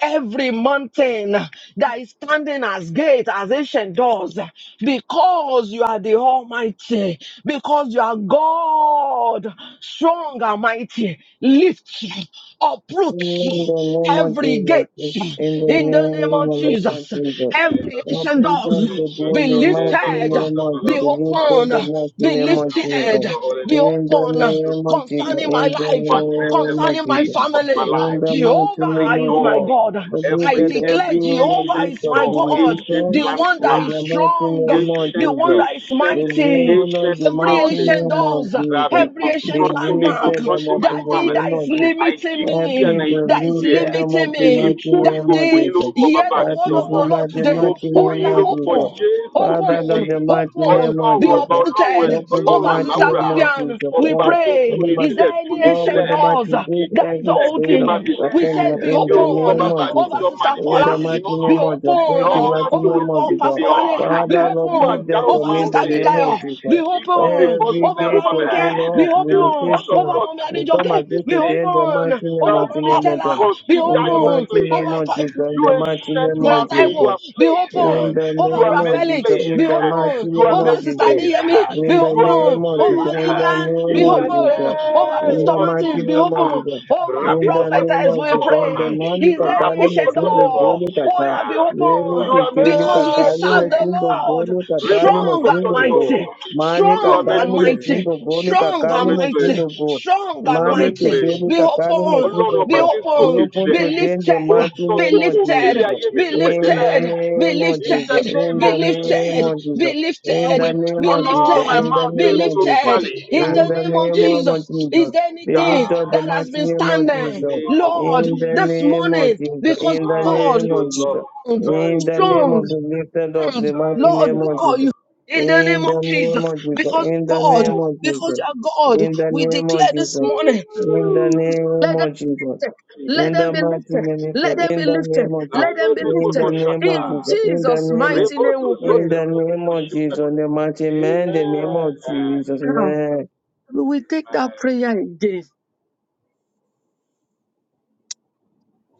every mountain that is standing as gate, as ancient doors, because you are the Almighty, because you are God, strong and mighty, lift you, uproot
in
you,
the name of
every gate
Jesus. In the
in the name of
name of
Jesus,
Jesus.
every
Jesus.
I
ancient
pray
doors
them
the
to go
strength
in
be
their
of Days
mighty
and
lifted,
most
name
of
of
the
be
Jesus.
love of
Deliver
Father.
open,
the
the
mighty
be
name
strength
of
and bless
lifted,
Jesus.
your holy
be
name.
In the
I
open
use
name of Jesus.
thee
concerning my
In the
life,
to address
name of
every
concerning my
gate
Jesus.
of my
family.
In
life,
the mighty
Jehovah
every
name
is
of
my
Jesus.
door,
God. I
every
Defeated
declare
every
of
Jehovah
ancient
this
is
of
my
door,
God,
ancient
the
limitation.
one
In
that is
the
landmark,
mighty
strong,
name of
the
ancient,
one
Jesus.
that is
ancient,
mighty.
Deliver them
ancient
the
Every
mighty
mountains
ancient
name of
doors,
that have
Jesus.
been
every ancient
confronting me,
landmark,
Deliver them
confronting
up
my
in the
daddy that
name
family.
is
of Jesus.
I
limiting
Help
decree
me
and
me,
I
to
that is
declare ẹ̀
lift them up
limiting
the
èmi
me.
mighty
borí
name
gbogbo yín
Daddy,
lórúkọ
hear
bàbá
the
àti
that
ti
word
is
of
ọmọ
the Lord
about the
mo
today.
mighty
Oh,
borí
name
yín
yeah,
of
lórúkọ
Jesus.
open,
jésù
Father
kristi
God,
open,
the mighty name
open,
of
ọlọ́run
be
ọba
Jesus.
ọlọ́run ẹ̀-
uprooted,
Open the
ọlọ́run
overshadowed
mighty
Sister
àláùrà
name of
Vivian,
Jesus.
we
ọba
Oh,
tí ń
pray.
for the
túni
Is there
mighty,
sílẹ̀ tú
any
mi
oh, for
ancient
sílẹ̀
the
doors
mighty,
that
break
is
every
ìtúsẹ̀ dé
chain of
bá
open?
mi lẹ̀
We said,
disappointment
Be
in
ní
the
orúkọ
open.
name
bàbá
of
àti
Over
ti
Jesus.
ọmọ
Sister
àti ti
In
Paula,
the
ẹ̀mí mímọ́
mighty
be
name
náà.
of Jesus, break the
open.
Lord,
mighty
you
name
will
of
Over
give
Jesus.
me
Pastor
all.
Wale, be
Father
Who
Lord,
art
open.
break them
thou
for
Over
me in
Sister
the name
mountain?
of
Adedayo, be
Jesus.
Even
open.
before
Every
Over
gate of, oh
Larunke,
Zerubbabel.
be
Lord,
The
open.
word of
Over
limitation,
God
Mommy
says
we
you
come
will be
Adejoke,
made
against
be
you
plain.
in the
open.
mighty name,
The
Over
mighty
Mommy
name
Lord
of
will
Jesus.
Stella, be
consider
In the
you
open.
mighty name
plain.
of
Over
Jesus, in
You
the mighty
ancient
name
Brother
of
mountain, you
Jesus.
Taiwo,
are
be
plain.
In
open.
the
You
Over
are
name
Brother
made
of Jesus,
Felix,
plain.
in
be
the mighty
open.
You are
name
Over
of
made
Sister
Jesus,
plain.
Adeyemi, be
in the
You are made
open.
name of
Over
plain.
Jesus, in the
Lillian, be
name
In the
of
open.
Jesus,
Over
in
name
Pastor
the
of
mighty
Martins, be
Jesus.
name of
open.
Jesus,
Over
Rabbi
in the name
prophetess,
of
we
Babaskonto.
Jesus, in the
pray.
mighty
Is there any
kakali
ancient
Raboskoto
mosindo
door?
goli
Oh,
Leboshkita.
yeah,
kaka,
be
lolo
You
open.
are
kekeli
Because we
made
kakali
serve the
plain.
mosindo
Lord,
goli kakali
strong and
mosindo
Reboskotondo.
go,
mighty.
mali
You are
Strong
made
and
kakali
mighty
plain.
mosindo goli
strong
You are
kakali
and
made plain
mighty,
mosindo go,
strong and
mali
summit
mighty.
place
kekeli
Be
kakali
open,
ọlọ́run
mosindo
be
ọba
go,
tí ń
you
sòkè
open,
open
jilẹ̀
be
today in the
ó
lifted,
mighty
sọ
be
name
gbogbo
of
òkè ilé
lifted,
Jesus.
ayé mi
be
di
In
pẹ̀tẹ́lẹ̀
the
lifted, be
name of
in
lifted,
the
Jesus,
name
in
be
of
the name
lifted,
jesus
of
be
Jesus,
you
in the
lifted,
will
name
be
turn
of
all
Jesus,
my
lifted,
in the
be
name
mountains
of
to
Jesus,
lifted.
valley
In
in
the
the
name of
name
yé
of
Jesus, is
Jesus,
there
we
anything
lift up the
that has
mighty
been
name of
in the
standing,
Jesus,
name of
Lord,
in the
this
jesus
name of
morning?
Jesus,
Because
in the
thank
God
name
you
of Jesus,
lord
in
thank
the
you
name
strong.
lord
of the lifted up
God,
the mighty
thank
Lord
you
name of
lord
God, you
Jesus,
in the name
in the
of Jesus,
name of Jesus,
thank you
because
in the
God,
name
jehovah
of
because
Jesus,
you are God,
in the
we
name
declare
of
this
Jesus,
morning,
in the name
let them
of
be
Jesus.
lifted,
thank you
let
In
them
the
be
mighty
lifted,
jesus
name of
let
God,
them be
in the
lifted,
name of Jesus,
let them be
Nalebe
in
lifted.
the
koto
name of
In
shata.
Jesus, in the
Jesus'
name of
mighty
Rebo
name
to
we pray.
in
zote
the
pele
name of Jesus,
bushikata.
in the mighty man, the name of
Amen.
Jesus,
Now,
man.
We take that
Amen.
prayer again.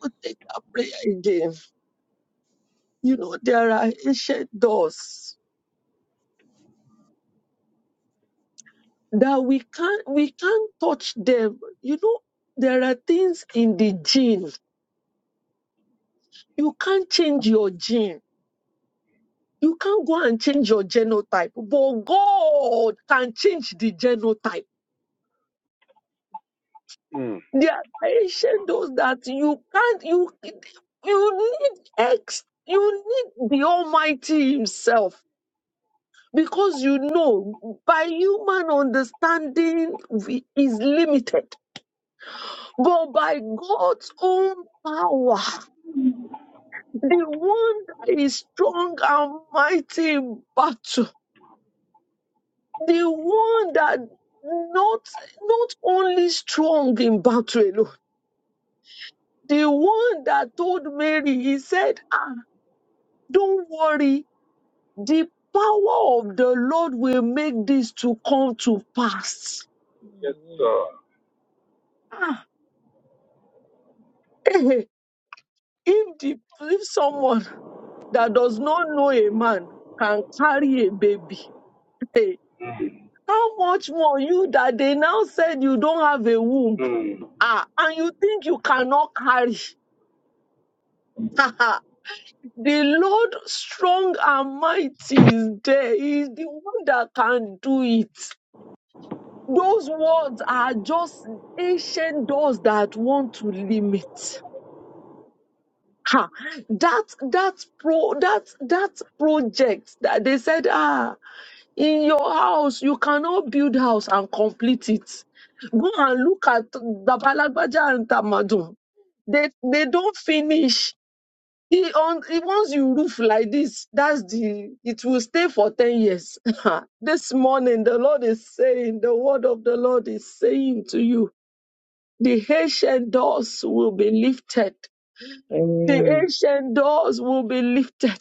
We take that prayer again. You know, there are ancient doors that we can't we can't touch them. You know, there are things in the gene. You can't change your gene You can't go and change your genotype, but God can change the genotype.
Mm.
There are ancient those that you can't, you, you need X, you need the Almighty Himself. Because you know, by human understanding we- is limited, but by God's own power, the one that is strong and mighty in battle, the one that not not only strong in battle alone, the one that told Mary, he said, ah, don't worry, the power of the Lord will make this to come to pass.
Yes, sir.
Ah, eh, if the if someone that does not know a man can carry a baby, eh,
Mm.
how much more you that they now said you don't have a womb,
Mm.
ah, and you think you cannot carry? [laughs] The Lord strong and mighty is there. He is the one that can do it. Those words are just ancient doors that want to limit. Ha. That that pro that that project that they said, ah, in your house, you cannot build house and complete it. Go and look at the Dabalagbaja and Tamadun. They they don't finish He on he wants you roof like this. That's the it will stay for 10 years. [laughs] this morning the Lord is saying, the word of the Lord is saying to you, the ancient doors will be lifted. The
Amen.
ancient doors will be lifted.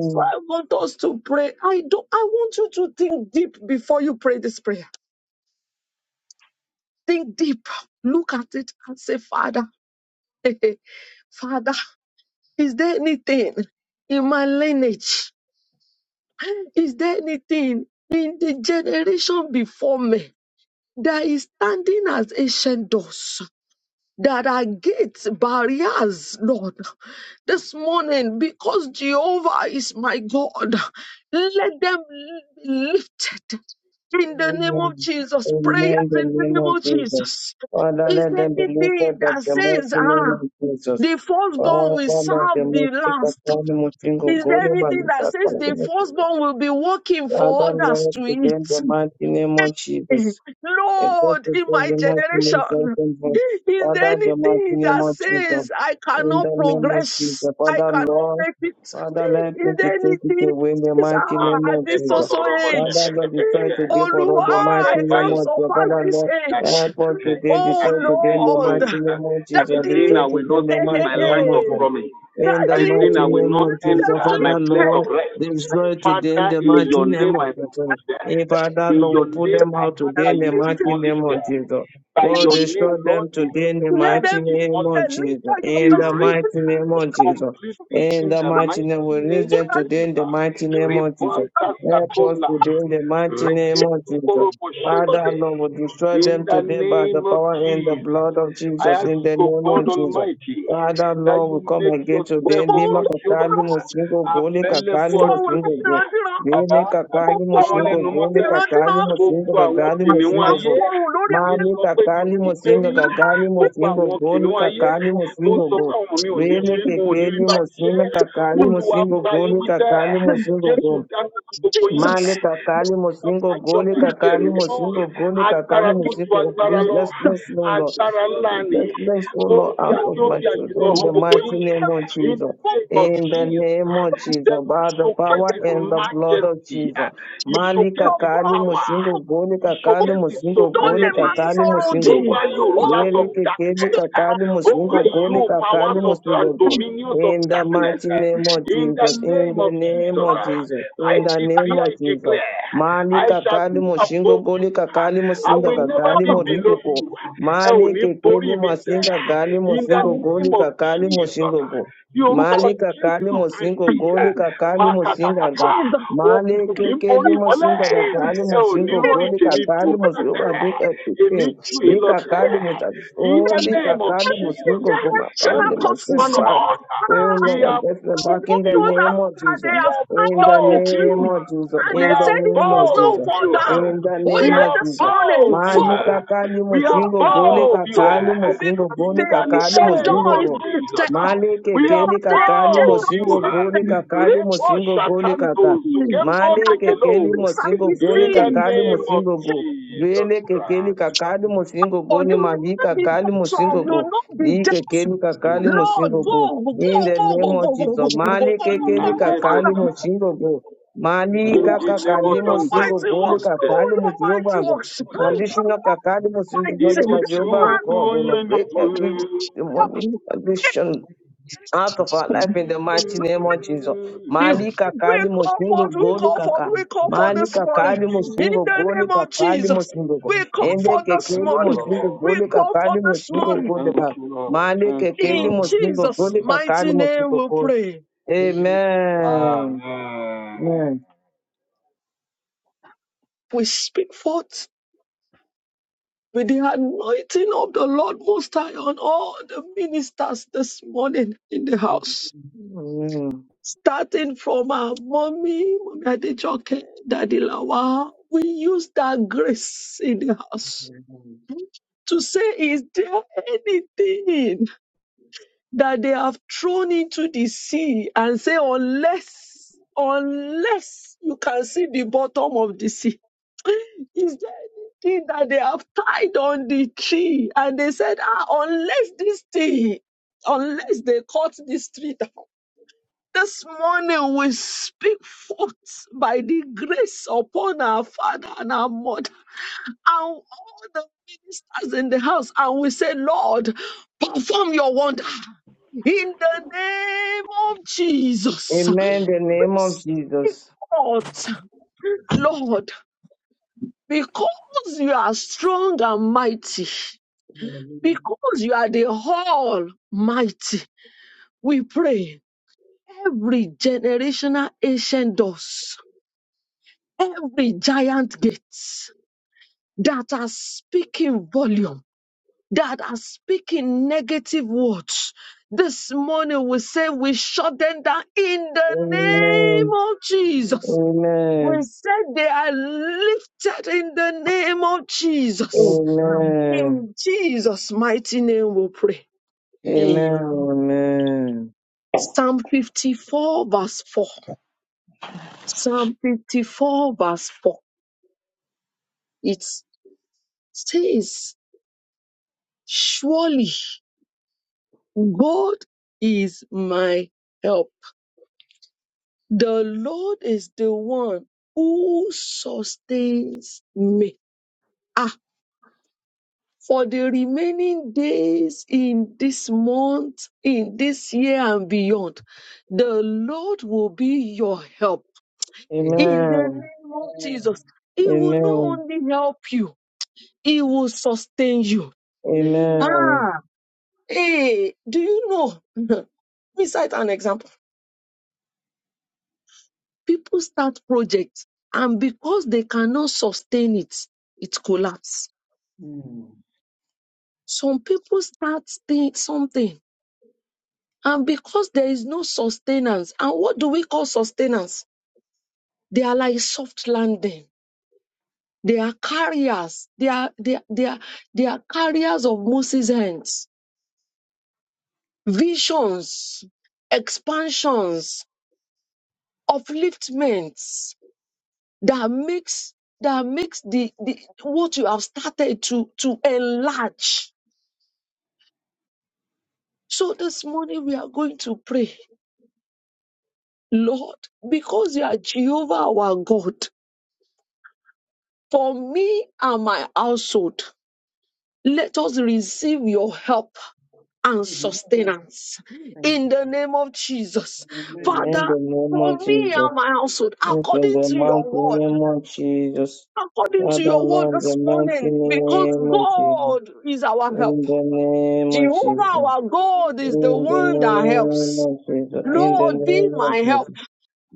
So I want us to pray. I don't I want you to think deep before you pray this prayer. Think deep. Look at it and say, Father, [laughs] Father, is there anything in my lineage? Is there anything in the generation before me that is standing as ancient doors? That are gates, barriers, Lord. This morning, because Jehovah is my God, let them be lifted in the name of
Amen.
Jesus. Prayers
Amen. The
in the
name
name
of
of
Jesus.
Jesus.
Father,
Is
let
there
them be
anything
lifted up
that
the
says,
mighty name of
ah,
Jesus.
the firstborn
Father,
will
Lord, the
serve
most
the
sick of
last?
all the most of
Is there
God, the man
anything
is
that
that
says
Father, the
the
most of
firstborn
God.
will be working for
Father,
others
Lord,
to eat?
today in the mighty name of
Mm-hmm.
Jesus. and God
Lord,
is
in my
very much more
generation,
thankful.
is there
Father, the mighty
anything
name
that
of Jesus.
says I
In the
cannot
name of
progress?
Jesus.
I
Father,
cannot
Lord,
make it.
Father, let
Is
me
there
to take it
anything that
away in the
says,
mighty name
ah, at
of
this
Jesus.
also
Father,
age?
Lord, we try to be
Oh,
for all
Lord,
the mighty
I
Whatever
name
can't
it
of Jesus.
surpass
Father,
this
Lord,
that,
age.
help us
[laughs]
today,
that
Oh,
destroy
is
today in
saying
the
Lord,
mighty
no,
name of
that
Daddy,
Jesus.
is
[laughs]
saying
Destroy
I will
today
not
in the
hey,
see
mighty
hey,
my
name
land
of
of
hey.
Jesus.
promise,
In the
that is
Daddy,
saying
mighty
I will
name
not
of Jesus,
enter my
Father,
place of
Lord,
rest.
destroy today in
Father,
the
in
mighty
your name
name
I
of Jesus.
put them.
Hey, Father,
In
Lord,
your
we put
name
them
I
out
ask
I'm
today
that
in the
you
lifted.
mighty
demolish
name
them.
of Jesus.
By
We'll
your name,
destroy
Lord,
them
they
today in the
Let
stand
them
mighty name of
demolished,
Jesus.
lift up your
In the
person.
erased
mighty name of Jesus.
completely
In
in
the
the
mighty name,
mighty
we release
name
them
of
today in the
Jesus.
mighty name of Jesus.
Rebanta
Help us today
Satola.
in the mighty name of
Redentu
Jesus. Father,
koroboshente.
Lord, we destroy
In
them
the
today by the
name of
power and the
Jesus.
blood of
I
Jesus.
ask,
In the
O
name of
God
Jesus.
Almighty,
Father,
that
Lord, we
you
come
make
again today.
yourself, O
Lima
God, human,
kakali musingo, goli kakali
available
Fọ́ọ̀wù
unto me
láti
musingo,
randíran,
Dele
bàbá
you.
àti
kakali
gbogbo
àwọn
ọ̀rọ̀
moshingo
lẹnu
ti
gole
mọ́tẹ́
kakali
randíran,
mosinga
gbogbo
Thank
àwọn
tó
you.
kakali
bá ti
kìnìún
mosingo
máa
go.
ayé
fọ́ọ̀wù lórí
Thank
ń
ayé
Mali
mi.
sọ pé mi ò
kakali
ní gbé
mosinga
rí
kakali
gbogbo
mosingo
àwọn
gole
kìnìún ayé
kakali
tó ń
mosingo
sọ
go.
pé àwọn mi ò ní
Dele
ṣe wọn ò ní rí
kekeli
bá ti ṣe
mosinga kakali
olúwa
mosingo
bá yín
gole
wíṣẹ́
kakali mosingo
jésù
go.
dáná sí gbogbo yín
Jesus,
Mali kakali
Bàbá
mosingo
àti
gole
ọmọ àdìdì ẹ̀mí
kakali
mímọ́,
mosingo gole kakali
agbára tó ju
mosingo of
agbára lọ,
uselessness, no Lord.
agbára ńlá ni,
Let us this
ó
flow
fi
out
kí
of
ó
my
fi
children
àjùlọ
in
Jesus,
hàn
the
gbogbo
kí wọ́n
mighty
yín.
name of
gbogbo
In
Jesus.
the name of
In the
Jesus,
name of
the
Jesus,
Lord
by the
showcase
power
his
and the blood of
majesty.
Jesus.
He
Mali
showcased his
kakali
ọkọ̀
power.
musingo goli
He
kakali
showcased his
musingo
tó lè
goli
máa
sovereignty
kakali
sọ̀rọ̀ òdì.
musingo go.
over you,
Ó
rulers
Lere
of
kekeli
darkness,
kakali
tún
over
musingo goli
you,
kakali
powers of and
musingo go.
Come
dominions of
In the
darkness.
mighty name of
In the
Jesus, in
name
the
of
name
Jesus,
of Jesus,
I
in the name
decree, I
of Jesus.
declare,
Mali
I shall
kakali
be
musingo
above you.
goli kakali
I
musinga
will never
kakali
be
on.
below
moriko
you. Ẹ ò
Mali
ní
kekeli
borí mi sẹ́.
masinga gali
In the
mosingo
name
goli
of
kakali
Jesus.
mosingo go.
Ní orúkọ
Mali kakali
Jésù
mosingo
Kristi,
goli
Jesus.
kakali mosinga
mákatakata
ga.
Jesus.
Mali
òkùnkùn kì í borí
kekeli mosinga kakali mosingo
rórì
goli
tèmi bò
kakali
mọ́lẹ̀
mosingo ga breaker fifteen. Ni kakali motas.
in the
Oh, ni
name of
kakali
jesus
mosingo go. My
Generational
family,
every
myself
one
causes.
of
back.
us
Oh
we
Wow.
Lord,
are
I get them
I
back
above
in
don't
the
you
know that
name of
that they
Jesus.
we
have
are
climbed
In
on
the
the
above you
name
tree.
of Jesus.
And
we
they
In
are
the
said it
name of
must not
above
Jesus.
fall
you
down.
In the
Oh
we
name
yeah,
are
of
this
Jesus.
morning,
above you
Mali
fall,
kakali
we are
musingo gole
fall,
above you
kakali
fall,
musingo
because
in
gole
the
the
kakali
ancient
name
door
musingo
of
is
gole.
jesus
lifted.
Mali
we are
kekeli
Because the
kakali
ancient
above
door
musingo
is
you
gole
lifted.
kakali
Repo
musingo gole kaka.
Shatando
that
Zukembo
Mali
they
kekeli
Tekelo.
fix and
musingo
he
gole
In the
see.
kakali
name of
musingo
Say,
go.
Jesus
Lele kekeli
Christ.
kakali musingo
Oh, you
gole
will
mali
not be
kakali
bottom,
musingo
you
go.
will not be
Li
depth.
kekeli kakali
Mm.
Lord,
musingo go.
go, go, go,
In the
go, go,
name of
go, go, go, go, go,
Jesus.
go, go,
Mali kekeli
go,
Nandebo
kakali
Father.
musingo go. Mali
He works,
Nindi
do
kakakali
your
musingo
mighty
gole
works, do
Shinte.
kakali
your
musingo
mighty
gole.
works, do your
Ikulena.
Additional Kakadimo City
mighty
Father
man.
Jehovah
Ibuchuku
God
you.
will break every
Yenigwe.
demonic
Amen. Amen.
addiction out of our life in the mighty name of Jesus.
You, we come
Mali Kakadimo Single
forth, we
Goli
come forth,
Kaka.
we come forth
Mali
this morning
kakali
in the
Single Goli
name of
Kakadimo
Jesus.
Single Go.
We come
Ende
forth this
Thank you,
morning.
Kekedimo Single
Lord.
We
Goli
come forth
Kakadimo
this
Single
morning.
Goli
Thank
Kaka.
you, Lord.
Mali
Thank you,
In
Kekedimo
Lord.
Single
Jesus'
Goli
Hallelujah.
mighty
Kakadimo
name
Single
we
Go.
pray.
Amen.
Amen.
Amen.
We speak forth with the anointing of the Lord Most High on all the ministers this morning in the house.
Amen.
Starting from our mommy, mommy Adejoke, Daddy Lawa, we use that grace in the house to say, is there anything that they have thrown into the sea and say, unless, unless you can see the bottom of the sea, [laughs] is there anything that they have tied on the tree? And they said, ah, unless this thing, unless they cut this tree down. This morning we speak forth by the grace upon our father and our mother and all the ministers in the house, and we say, Lord, perform your wonder in the name of Jesus.
Amen. The
We
name of
speak
Jesus.
forth, Lord, because you are strong and mighty, because you are the whole mighty, we pray every generational ancient doors, every giant gates that are speaking volume that are speaking negative words. This morning we say we shut them down in the
Amen.
name of Jesus. We
Amen.
said they are lifted in the name of Jesus.
Amen.
In Jesus' mighty name we pray.
Amen.
Amen. Amen.
Psalm 54 verse 4. Psalm 54 verse 4. It says, surely God is my help." The Lord is the one who sustains me. Ah, for the remaining days in this month, in this year and beyond, the Lord will be your help.
Amen. Amen.
In the
Amen.
name of Jesus, He will not
Amen.
only help you, He will sustain you.
Hallelujah.
Amen.
Ah, hey, do you know? [laughs] Let me cite an example. People start projects, and because they cannot sustain it, it collapses
Hmm.
Some people start thi- something, and because there is no sustenance, and what do we call sustenance? They are like soft landing. They are carriers. They are they are, they are, they are carriers of Moses' hands, visions, expansions, upliftments that makes that makes the, the what you have started to to enlarge. So this morning we are going to pray, Lord, because you are Jehovah our God. for me and my household. Let us receive your help and
Amen.
sustenance
Thank
in
you.
the name of Jesus.
In
Amen.
Father,
the name
for
of
me
Jesus.
and my household,
Yes, In
according
the
to your
mighty
word,
name of Jesus.
according
Father,
to your word
Lord, in
this
the mighty
morning, because
name of Jesus.
God is our help.
In the name of
Jehovah,
Jesus.
our God, is the
In the
one that
name
helps.
of Jesus. In the
Lord, be
name of
my help.
Jesus.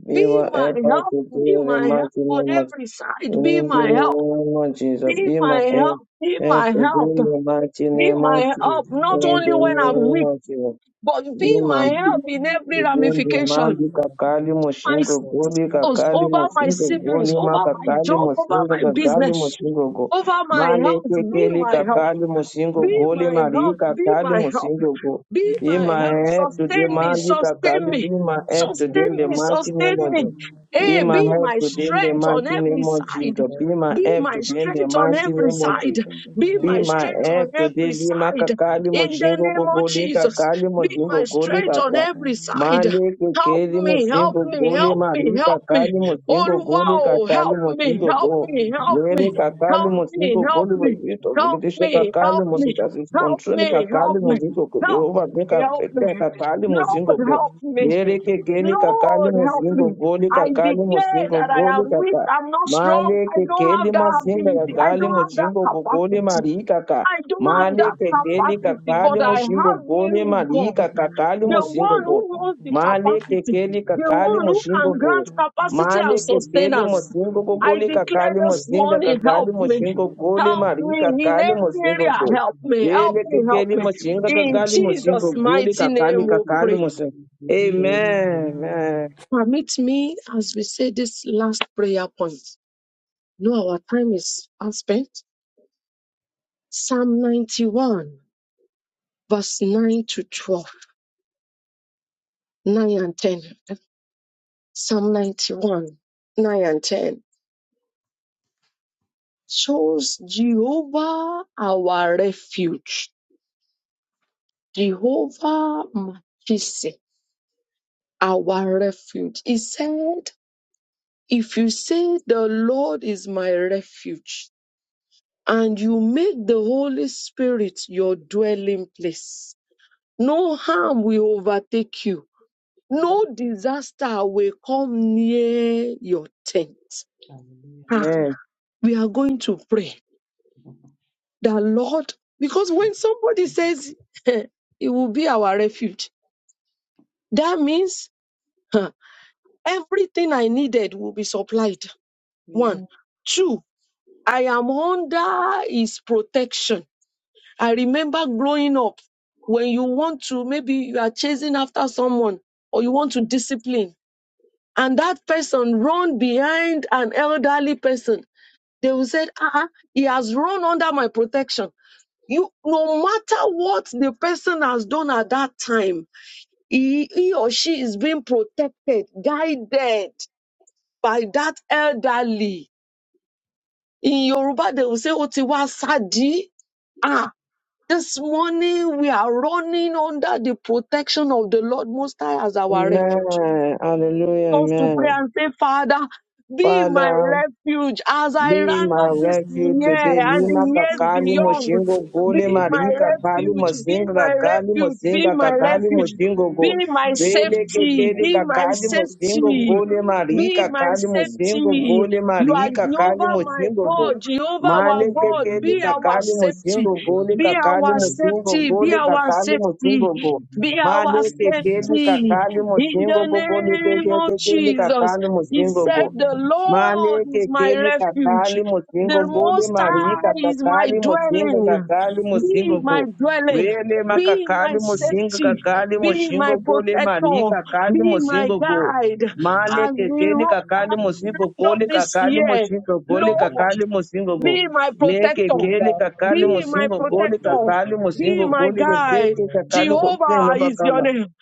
We
Be
Amen.
were
my
able
help.
to
Be
do the
my help
mighty
on
name of
every side. Be
In the
my help.
name of Jesus,
Be
be my
my help.
help.
Be
Help
my
in
help.
the mighty
Be
name
my
of
In
help,
the
Jesus.
not
name
In the
only
of
when
Jesus,
I'm
name
weak,
of Jesus,
but
be
Daddy,
be my
my
bring
help
my
in
help
every
in the name
Kugende
of
ramification.
mandi
Jesus.
kakali
My
mushingo
In
goli
every
spouse,
kakali
over
invitation,
my
in
mushingo
every
siblings,
goli
area of
over
my
my
makakali
job,
life,
over
mushingo
oh
my
God,
kakali
business,
in the
mushingo
name of
go
over
Jesus.
my
male
health, be
kekeli
Daddy,
my
bring my
help.
kakali
help in
mushingo
the
Be
goli
name
my
of
mari
help.
Jesus.
Be
kakali
my help.
mushingo go
Be
be
Daddy,
my
bring
my
my
help.
help
help
today
in
Sustain me.
the
mandi kakali
Sustain
be
me.
my
Daddy,
help today
sustain
in
Sustain
the
me,
me.
oh
mighty
God,
Sustain
name
in
of
the
me.
Jesus
name of
be
Hey,
Jesus.
my
be
help
my
today in
In
the
the
strength on
mighty
name of
every
name of
Jesus,
side.
Jesus be my
Be
help
my
today in the
strength on
mighty
Daddy, be
every
name of
my
side.
Jesus
strength, be my
Be
be
my
help
my
in the
strength
name
help
on
of
today
every
Jesus.
lima
side.
kakali
In
Daddy,
the
mushingo
my
go
name
help
of
goli
in the name
Jesus.
of
kakali
Be
Jesus.
mushingo
my
goli
In
strength
every
on
kaka.
side
every
of my life,
side.
Male
Help
kekeli
me,
in
help
cinco
the
me,
name of
gole
Jesus.
help me,
marika
help me.
kali
Oh,
musingo gole
Amen.
wow.
kakali
Help me,
Thank
musingo
Lord
help
go
God,
me,
God,
help
lere
me.
be
kakali
Help
help,
musingo
me, help
gole
me,
me.
Lord.
bazito
Help
Help
limitation
me,
me,
help
kakali
help
me,
me,
musingo that
help
is
me.
help
control
me,
kakali
Help
help me,
me,
musingo
Lord
go
God,
help
in the
Jehovah make
name
me,
a
of
help
breakthrough
Jesus.
me.
kakali
Help
musingo
Lord,
me,
go
help
Lord God, in
me.
lere
the name
kekeli
of
kakali
Lord, help
musingo
me.
gole
I
Daddy,
kakali
help
declare
me,
musingo
that
Lord
I
gole
God,
am weak.
kaka
I'm not
please.
strong.
male
I don't
kekeli
have that
masinga
help
ability. I
kakali
me,
don't have that
Lord
musingo go
God, in
gole
the name
capacity.
of
marika ka
I don't have
male
Daddy,
that
Lord
kekeli
God, in
capacity,
the
kakali
but
name
I
of
musingo
have
gole
you,
marika
God
kakali
the
musingo
one
go
who holds the
Mane
capacity,
kekeli
Jesus.
the
kakali
one who
moshingo
can
you.
go.
grant
help me,
capacity
Lord
Mane
and
Praise Hallelujah.
God, in the
kekeli
name
sustenance.
of
mosingo
I
Jesus.
gogoli
declare
kakali
this
mosinga
morning,
help me,
kakali
help
Lord
me.
God,
moshingo
in the name of Jesus. Daddy, Lord God, help
goli
me,
Help
Lord
mari
me
God, in
in
the
kakali
name of
every
mosingo
area.
Jesus.
go.
Help me.
Let
Help
Ele
it be
me.
my
Help
kekeli
me.
heart and
moshinga
my
In
God
kakali
in the
moshingo
Jesus'
name of
goli
mighty
Jesus.
kakali
name
Christ.
we
kakali
pray.
mosingo. Amen. Amen.
Amen.
Permit me as we say this last prayer point. No, our time is out spent. Psalm 91, verse 9 to 12, 9 and 10. Psalm 91, 9 and 10. shows Jehovah our refuge. Jehovah Machisi, our refuge. He said, If you say the Lord is my refuge, and you make the Holy Spirit your dwelling place, no harm will overtake you, no disaster will come near your tent. Ah,
Amen.
we are going to pray. The Lord, because when somebody says [laughs] it will be our refuge, that means huh, everything I needed will be supplied. One, two, I am under his protection. I remember growing up when you want to, maybe you are chasing after someone or you want to discipline, and that person run behind an elderly person. They will say, ah, uh he has run under my protection You, no matter what the person has done at that time, he, he or she is being protected, guided by that elderly. In Yoruba, they will say, Otiwa Sadi. Ah, this morning we are running under the protection of the Lord Most High as our refuge.
Amen. Hallelujah.
us to
Amen.
pray and say, Father, be my
Father.
refuge as I
Be
round
my
up
God
this
in my
refuge
God be
year
today.
my
and
Lima
the years
refuge
kakali
in the
beyond.
name
moshingo
of
gole
Be
Jesus.
my
maringi
God in my
kakali
refuge, be
mosinga
my
kakali
refuge, be
mosinga
my
God
kakali
refuge,
be my
mosingo
be
go.
my
refuge
Bele
in the
safety,
kekeli
be
name
my
kakali
of Jesus. Give
mosingo
me
safety,
gole
safety, O
maringi
be
God.
my
kakali mosingo
safety.
Anyone
gole
run
You are
maringi
towards you,
kakali
O
Jehovah,
God,
my
and
mosingo
be
go.
God,
my
Jehovah,
refuge.
our
Mane
God,
kekeli
be
Amen.
our
Be
kakali
my
safety.
mosingo
Thank
safety,
gole
Be
Lord, in
kakali
our
the
you.
name of
mosingo
safety, be
gole
our
Jesus.
kakali
safety,
mosingo go.
be our
Mane
Be
kekeli
my safety,
safety.
kakali
be my
In
mosingo
the
go gole
refuge in
name
the
of
name of
kekeli
Jesus,
kakali
he
Jesus.
mosingo
in the
said,
go.
The
name of
Male
Lord is my
kekeli
Jesus. Lord.
refuge,
kakali
the
mosingo
In the name of Jesus, in the name of Jesus,
gode
Most
mari
High is my
kakakali mosinga
dwelling.
kakali
Be
mosingo go.
my dwelling,
Rele
be my
makakali mosinga
safety,
kakali
be
mosingo
my
gode mari
protector,
kakali
be my
mosingo go.
guide.
in
Male
As we
kekeli
roll
the
kakali
at the
name
mosingo
of Jesus, in the name of
end
gole
of this
Jesus,
kakali
year,
mosingo gole
in the name of Jesus, in
Lord,
kakali mosingo go.
be my
Me
protector,
kekeli kakali
be
the name
my
mosingo gole
protector.
kakali
Be
mosingo
my
gole
guide.
kebeke kakali go de
Jehovah
no
is your
bakala.
name.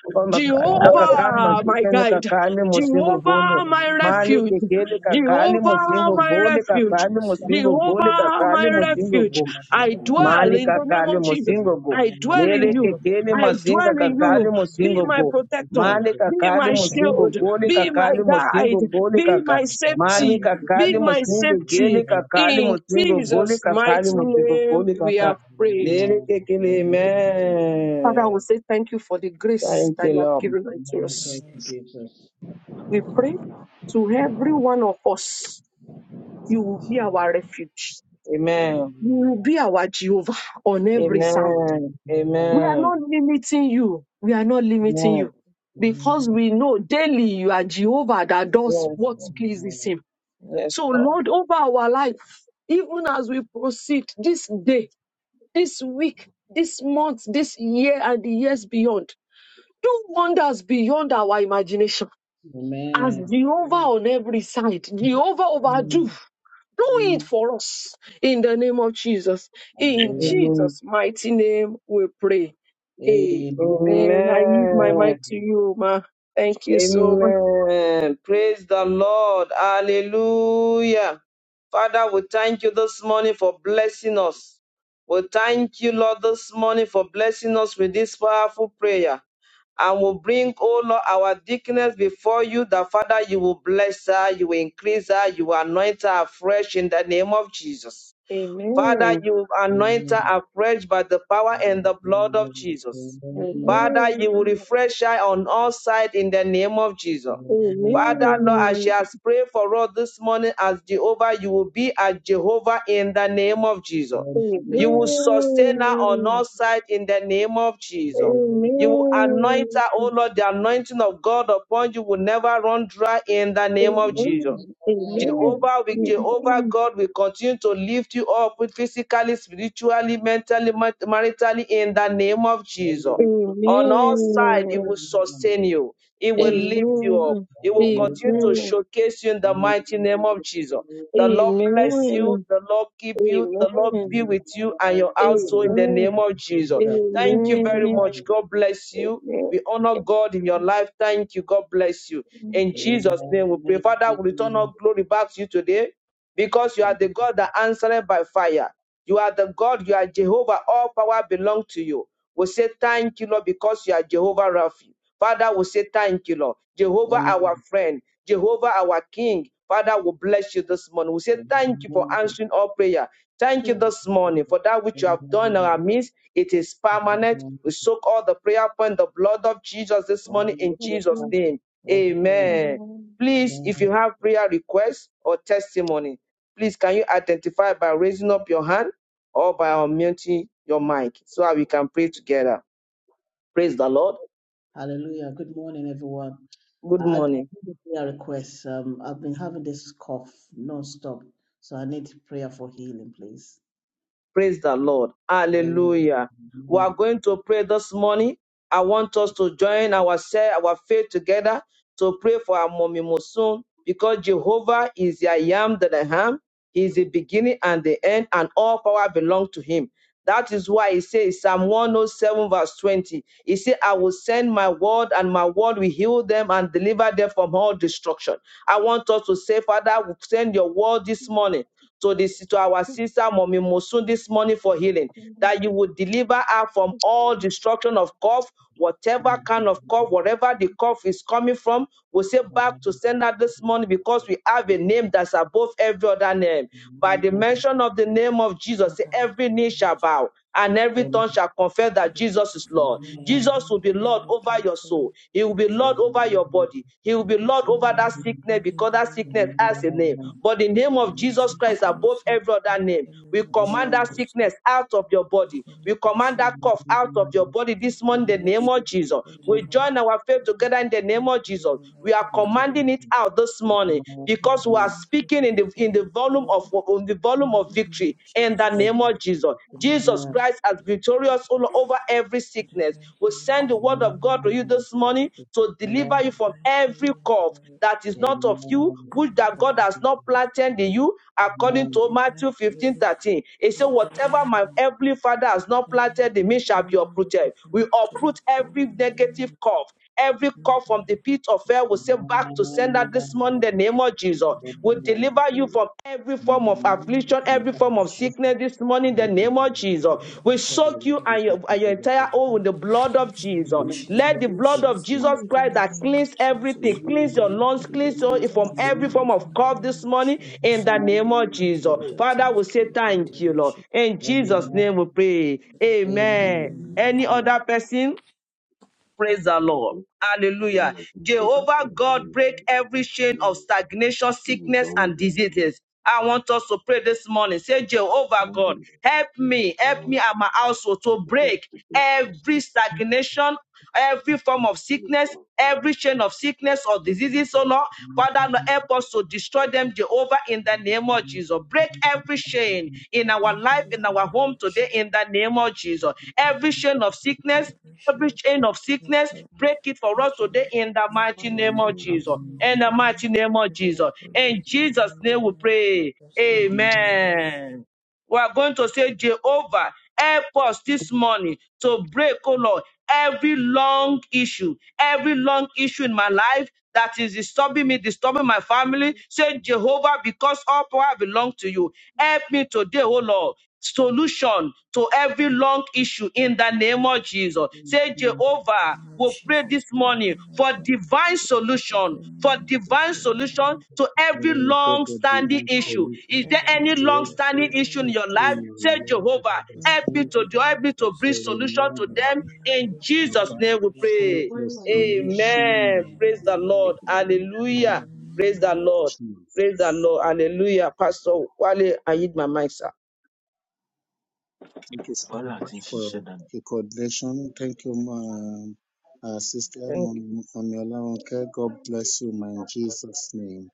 Akakali
Jehovah, my
makufene kakali
guide.
akakali mosingo gono.
Jehovah, my
Male
refuge.
kekele kakali
of
Jehovah,
musingo
Jesus,
my
gole
be
refuge.
my
kakali musingo
safety, be
gole
my
Jehovah, my
guide
kakali
in the
Amen. Thank you,
musingo
refuge.
name
go.
of
Jesus.
Jesus.
I dwell
Mali
in the name
kakali
of Jesus.
musingo go.
I dwell in
Lele
I
you.
kekele
I
don't need
masinga
dwell in
kakali
you. Be
you,
musingo
my
go.
protector.
Male
Be
kakali
my
Amen.
musingo
shield.
gole
Father, we
Be my
kakali
thank
guide.
musingo gole
Be
kaka.
my
Mali
safety. Be
kakali
my
musingo
safety.
gele kakali
In
musingo gole
Jesus' mighty
kakali musingo
name,
gole
we have
kaka.
prayed.
Lele kekele
Father, we
amen.
say thank you for the grace
Thank
that
you
you have
Lord.
given unto us.
Thank
We pray to every one of us, you will be our refuge.
Amen.
You
you,
will
Lord.
be our Jehovah on every side.
Amen.
Amen.
We are
Amen.
not limiting you. We are not limiting
Amen.
you because we know daily you are Jehovah that does
Yes,
what
Lord.
pleases him.
Yes,
So,
Lord.
Lord, over our life, even as we proceed this day, this week, this month, this year, and the years beyond. Do wonders beyond our imagination.
Amen.
As
Amen.
Jehovah
Amen.
on every side, Jehovah overdo. Do it
Amen.
for us in the name of Jesus. In
Hallelujah.
Amen.
Jesus' mighty name, we pray. Amen. I yield my
Amen.
mic
Amen. Amen.
to you, Ma. Thank you so much.
Amen. Praise the Lord. Hallelujah. Father, we thank you this morning for blessing us. We thank you, Lord, this morning for blessing us with this powerful prayer. And we bring, oh Lord, our deaconess before you that, Father, you will bless her, you will increase her, you will anoint her afresh in the name of Jesus. Father,
Amen.
you anoint
Amen.
her afresh by the power
Amen. Amen.
and the blood of Jesus. Father,
Amen.
you will refresh her on all sides in the name of Jesus. Father, Lord, as she
Amen.
has prayed for us this morning as Jehovah, you will be as Jehovah in the name of Jesus.
Amen.
You will sustain her on
Amen.
all sides in the name of Jesus. You will
Hallelujah.
anoint
Amen.
her, oh Lord, the anointing of God upon you will never run dry in the name of Jesus.
Amen. Amen.
Jehovah, we, Jehovah
Amen.
God, we continue to lift you up physically, spiritually, mentally, ma- maritally, in the name of Jesus. On all sides, it will
Amen.
sustain you. It will
Thank you,
lift you
Jesus.
up.
Amen. Amen.
It will continue
Hallelujah.
to
Amen.
showcase you in the
Amen.
mighty name of
Thank
Jesus.
you,
The Lord bless you.
Amen.
The Lord keep you.
Amen.
The Lord
Jesus.
Amen.
be with you and your
Hallelujah.
household
Amen.
in the name
Thank
of
you.
Jesus.
Jesus. Amen.
Thank you very
Amen.
much. God bless you. We honor God in your life. Thank you. God bless you. In Jesus' name we pray. Father, we return all glory back to you today because you are the God that answered by fire. You are the God, you are Jehovah. All power belongs to you. We say thank you, Lord, because you are Jehovah Rapha. Father, we say thank you, Lord. Jehovah, our friend. Jehovah, our King. Father, we bless you this morning. We say thank you for answering our prayer. Thank you
Thank
this
you,
morning for that
Jesus.
which you have done in
Amen.
our midst. It is permanent.
Amen.
We soak all the prayer upon the blood of Jesus this morning in
Hallelujah.
Jesus' name.
Amen.
Amen. Please,
Amen.
if you have prayer requests or testimony, please can you identify by raising up your hand or by unmuting your mic so that we can pray together. Praise the Lord.
Hallelujah. Good morning, everyone. I,
Good
I I
morning.
need a prayer request. Um, I've been having this cough non-stop, so I need prayer for healing, please.
Praise the Lord.
Hallelujah.
Hallelujah. We are
Amen.
going to pray this morning. I want us to join ourselves, our faith together to pray for our mommy Mosun because Jehovah is the I am that I am. He is the beginning and the end, and all power belongs to him. That is why he says, Psalm 107, verse 20, he said, I will send my word, and my word will heal them and deliver them from all destruction. I want us to say, Father, send your word this morning to this to our sister Mommy Mosun this morning for healing, that you would deliver her from all destruction of cough, whatever kind of
Amen.
cough, wherever the cough is coming from. We say back to sender this morning because we have a name that's above every other name. By the mention of the name of Jesus, every knee shall
you
bow and every
for
Amen.
tongue shall confess that
the
Jesus is
grace
Amen.
and the
Lord.
very
Amen.
Jesus
healing
will
of
be Lord
your
over
daughter
your
in
soul. He
the
will
name
be
of
Lord over
Jesus.
your body. He will
To
be
be
Yes,
Lord over that
healed, our
Amen.
sickness
God, in
because
the
that
name
sickness has a name.
of
But the name
Jesus.
of
Every
Jesus Christ
teacher
above
is of
every
in
other name.
the
We
name of
Amen.
command that
Amen.
Jesus. Of
sickness out of your
in
body.
the name
We
of
command
Jesus.
that cough out of
Amen.
your body
In the
this morning
name
in
Amen.
the
of
Thank
name
Jesus.
you,
of
Jesus.
Jesus.
That the
Amen.
We
Lord
join our faith
will be
together
for
in the name
divine
of Jesus.
healing, our
We are
God,
Thank you,
commanding it
Jesus.
out this
Amen.
morning morning
in the name of Jesus.
because we are
Divine
speaking
healing
in the
upon
in the
your
volume of
daughter
in the volume
in
of
the name
victory
of
in the
Jesus.
name of Jesus.
In the
Jesus
name of
Christ as
Jesus,
victorious over every
for
sickness.
divine
We
healing in
send the
the
word
Amen.
name
of
of
God to you
Jesus,
this
Amen.
morning to
for
Amen.
deliver you from
divine
every
healing
cough
upon your body
that is not of you,
in
which
the
that
Thank
God
name
you,
of
has not
Jesus.
Jesus,
planted in
for
you, according
Amen.
to
divine
Matthew 15
healing,
13. It says,
your body in
Whatever
the
my
name
heavenly Father has not
of Jesus,
planted in me shall be
healing of the
uprooted. We
form of
uproot
growth
every
in the name
negative
of
cough, every cough from the from the pit of
Jesus,
hell. will say
Amen.
back to
for
sender this
Amen. Thank
morning in
the
the
you,
name
constant
of Jesus.
in the
will
name
Jesus.
of
deliver
Amen.
Jesus,
you from every
In
form
the
thank
of
you, Lord
name
God,
affliction,
of
in the
every
name
form
Thank you,
of
of
Jesus.
Jesus,
Jesus.
sickness this morning in
Amen.
In
the
the name
name of
thank
Jesus.
of
you,
Thank
Lord God, in the
We
you,
Jesus,
Jesus.
soak
amen,
you
name of
and
Jesus.
your, and your entire home with
Father,
the
Lord
blood
God,
of
in the name
Jesus.
of
Amen.
Jesus,
Let
Amen.
the
Father,
amen,
blood
she
of
is
Jesus
healed
amen,
in
Christ
the
that
name of
cleans
Jesus,
everything,
Lord.
cleanse your
Lord,
lungs,
Daddy, your
cleanse your,
daughter
from
is
every
healed
form
in
of
the
cough this
name of
morning in
Jesus,
the
Lord.
name of
Daddy,
Jesus.
your daughter
Father,
is
we say
healed in the
thank
name
you,
of
Lord.
Jesus,
In
Amen.
Jesus'
amen,
name we pray.
Lord God.
Amen.
amen.
Amen.
Amen.
Any other person? Praise the Lord. Hallelujah. Jehovah God, break every chain of stagnation, sickness, and diseases. I want us to pray this morning. Say, Jehovah God, help me, help me and my household to break every stagnation, every form of sickness, every chain of sickness or diseases, oh Lord. Father,
Amen.
Lord, help us to destroy them, Jehovah,
Amen. Amen.
in the name of Jesus. Break every chain in our
Father, in
life, in our
the name
home
of
today,
Jesus,
in the name of Jesus. Every
Daddy,
chain of
for
sickness,
every share
Every
of
chain of sickness,
yourself,
break it for
and
us today
children,
in the mighty
mission of
name of Jesus.
sickness in my
In the
family,
mighty name of
Daddy, I
Jesus.
pray that you
In
will
Jesus'
in the name
name
of
we pray.
Jesus. Amen.
Amen. We are going to say, Jehovah, help us this morning to break, oh Lord, every long issue, every long issue in my life that is disturbing me, disturbing my family. Say, Jehovah, because all power belongs to you. Help me today, oh Lord solution to every long issue in the name of Jesus. Say,
In
Jehovah,
the name of
we
Jesus,
pray this
help me,
morning
Lord
for
God,
divine
to be sure that
solution, for
anyone be
divine
sure that
solution
I'm
to
Lord,
every
I pray
long
for
Nothing
standing
divine
issue.
solution
Is there any
will
to
long
good in
standing
every
the
issue
name
in
of
your
issue
life?
Jesus.
in
Say,
my life that
Jehovah,
has been
Nothing
help me
will
to
standing
do,
good
help me
in
to
Jesus.
for
bring
a
solution
long
to
Help
them.
me
while.
will
In
good in the
Jesus'
name
Abba,
name we
of Jesus.
send
pray.
your solution
Amen. Praise
now
the
Amen.
Lord.
in
Hallelujah.
the
Praise the
name
Amen.
of
Lord. Praise the
Jesus.
Lord. Hallelujah. Pastor Wale, I need my mic, sir.
Thank you so much for your coordination. Thank you, um, uh, Sister
Thank
Mami- Mami Olaronke. God bless you, man, in Jesus' name.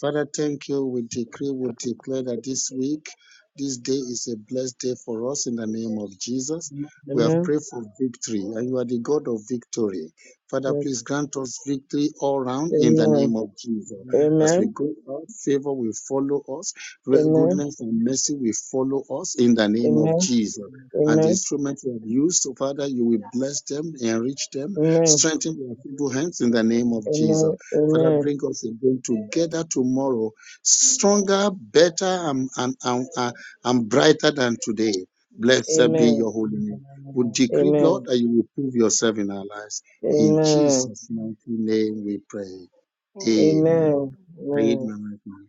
Father, thank you. We decree, we declare that this week, this day is a blessed day for us in the name of Jesus. We have
Amen.
prayed for victory, and you are the God of victory. Father,
Yes.
please grant us victory all round in the
Amen.
name of Jesus. As we
Amen.
go out, favor will follow us,
Amen.
goodness and mercy will follow us in the name of
Amen.
Jesus. And the
Amen.
instruments we have used, so Father, you will bless them, enrich them,
Amen.
strengthen their feeble hands in the name of Jesus.
Amen.
Father,
Amen.
bring us again together tomorrow, stronger, better, and, and, and, and and brighter than today. Blessed be your
Amen.
holy name. We decree, Lord,
Amen.
that you will prove yourself in our lives. In
Amen.
Jesus' mighty name we pray. Amen.
Amen.
I eat
Amen.
Amen.
my mic now.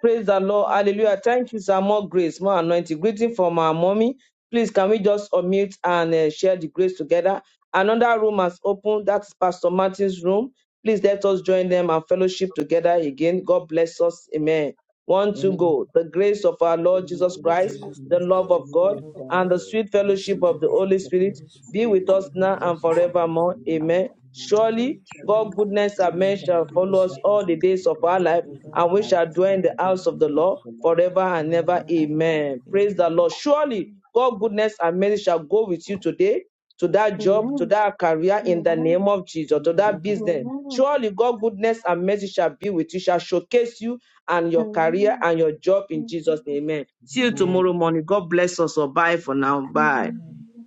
Praise the Lord. Hallelujah. Thank you, sir. More grace, more anointing. Greeting from our mommy. Please, can we just unmute and uh, share the grace together? Another room has opened. That's Pastor Martin's room. Please let us join them and fellowship together again. God bless us. Amen. One two, go. The grace of our
Thank
Lord
you
Jesus
for your
Christ,
Jesus
the
precious
Christ,
love
prayer
of
for
the
me,
God,
love of
Amen.
and
the
the
God,
Lord,
sweet
the
fellowship
sweet
and the
of the
fellowship
Holy
Spirit,
of the
Spirit
Holy
and the
be
Spirit,
with
Spirit,
us
be
now
and the
with
and
us now
Holy
and
forevermore.
forevermore.
Amen.
Amen.
Surely,
Surely,
God's
we
goodness
Surely,
and
will
God's
mercy
goodness
shall
and
follow
mercy
us
shall
all the
be
days of our life
be
with
our
and we
lives,
shall
you.
and
dwell in
we
the
shall do
house
in
of the
the
Lord
house
English is
of God,
forever and
the
ever.
forever and ever.
mother
Amen. Praise the
Amen.
Lord. Surely God, goodness and mercy shall go with you today to that job,
Amen.
to that
Amen. Amen. Amen.
career in the name
Amen.
of Jesus, to that
Amen.
business.
Amen.
Surely God, goodness and mercy shall be with you, shall showcase you and your career
Hello,
and your job in Jesus'
hello,
name. Amen. See you
Amen.
tomorrow
hello,
morning. God bless us. all. bye for now. Bye.
Amen.
hello.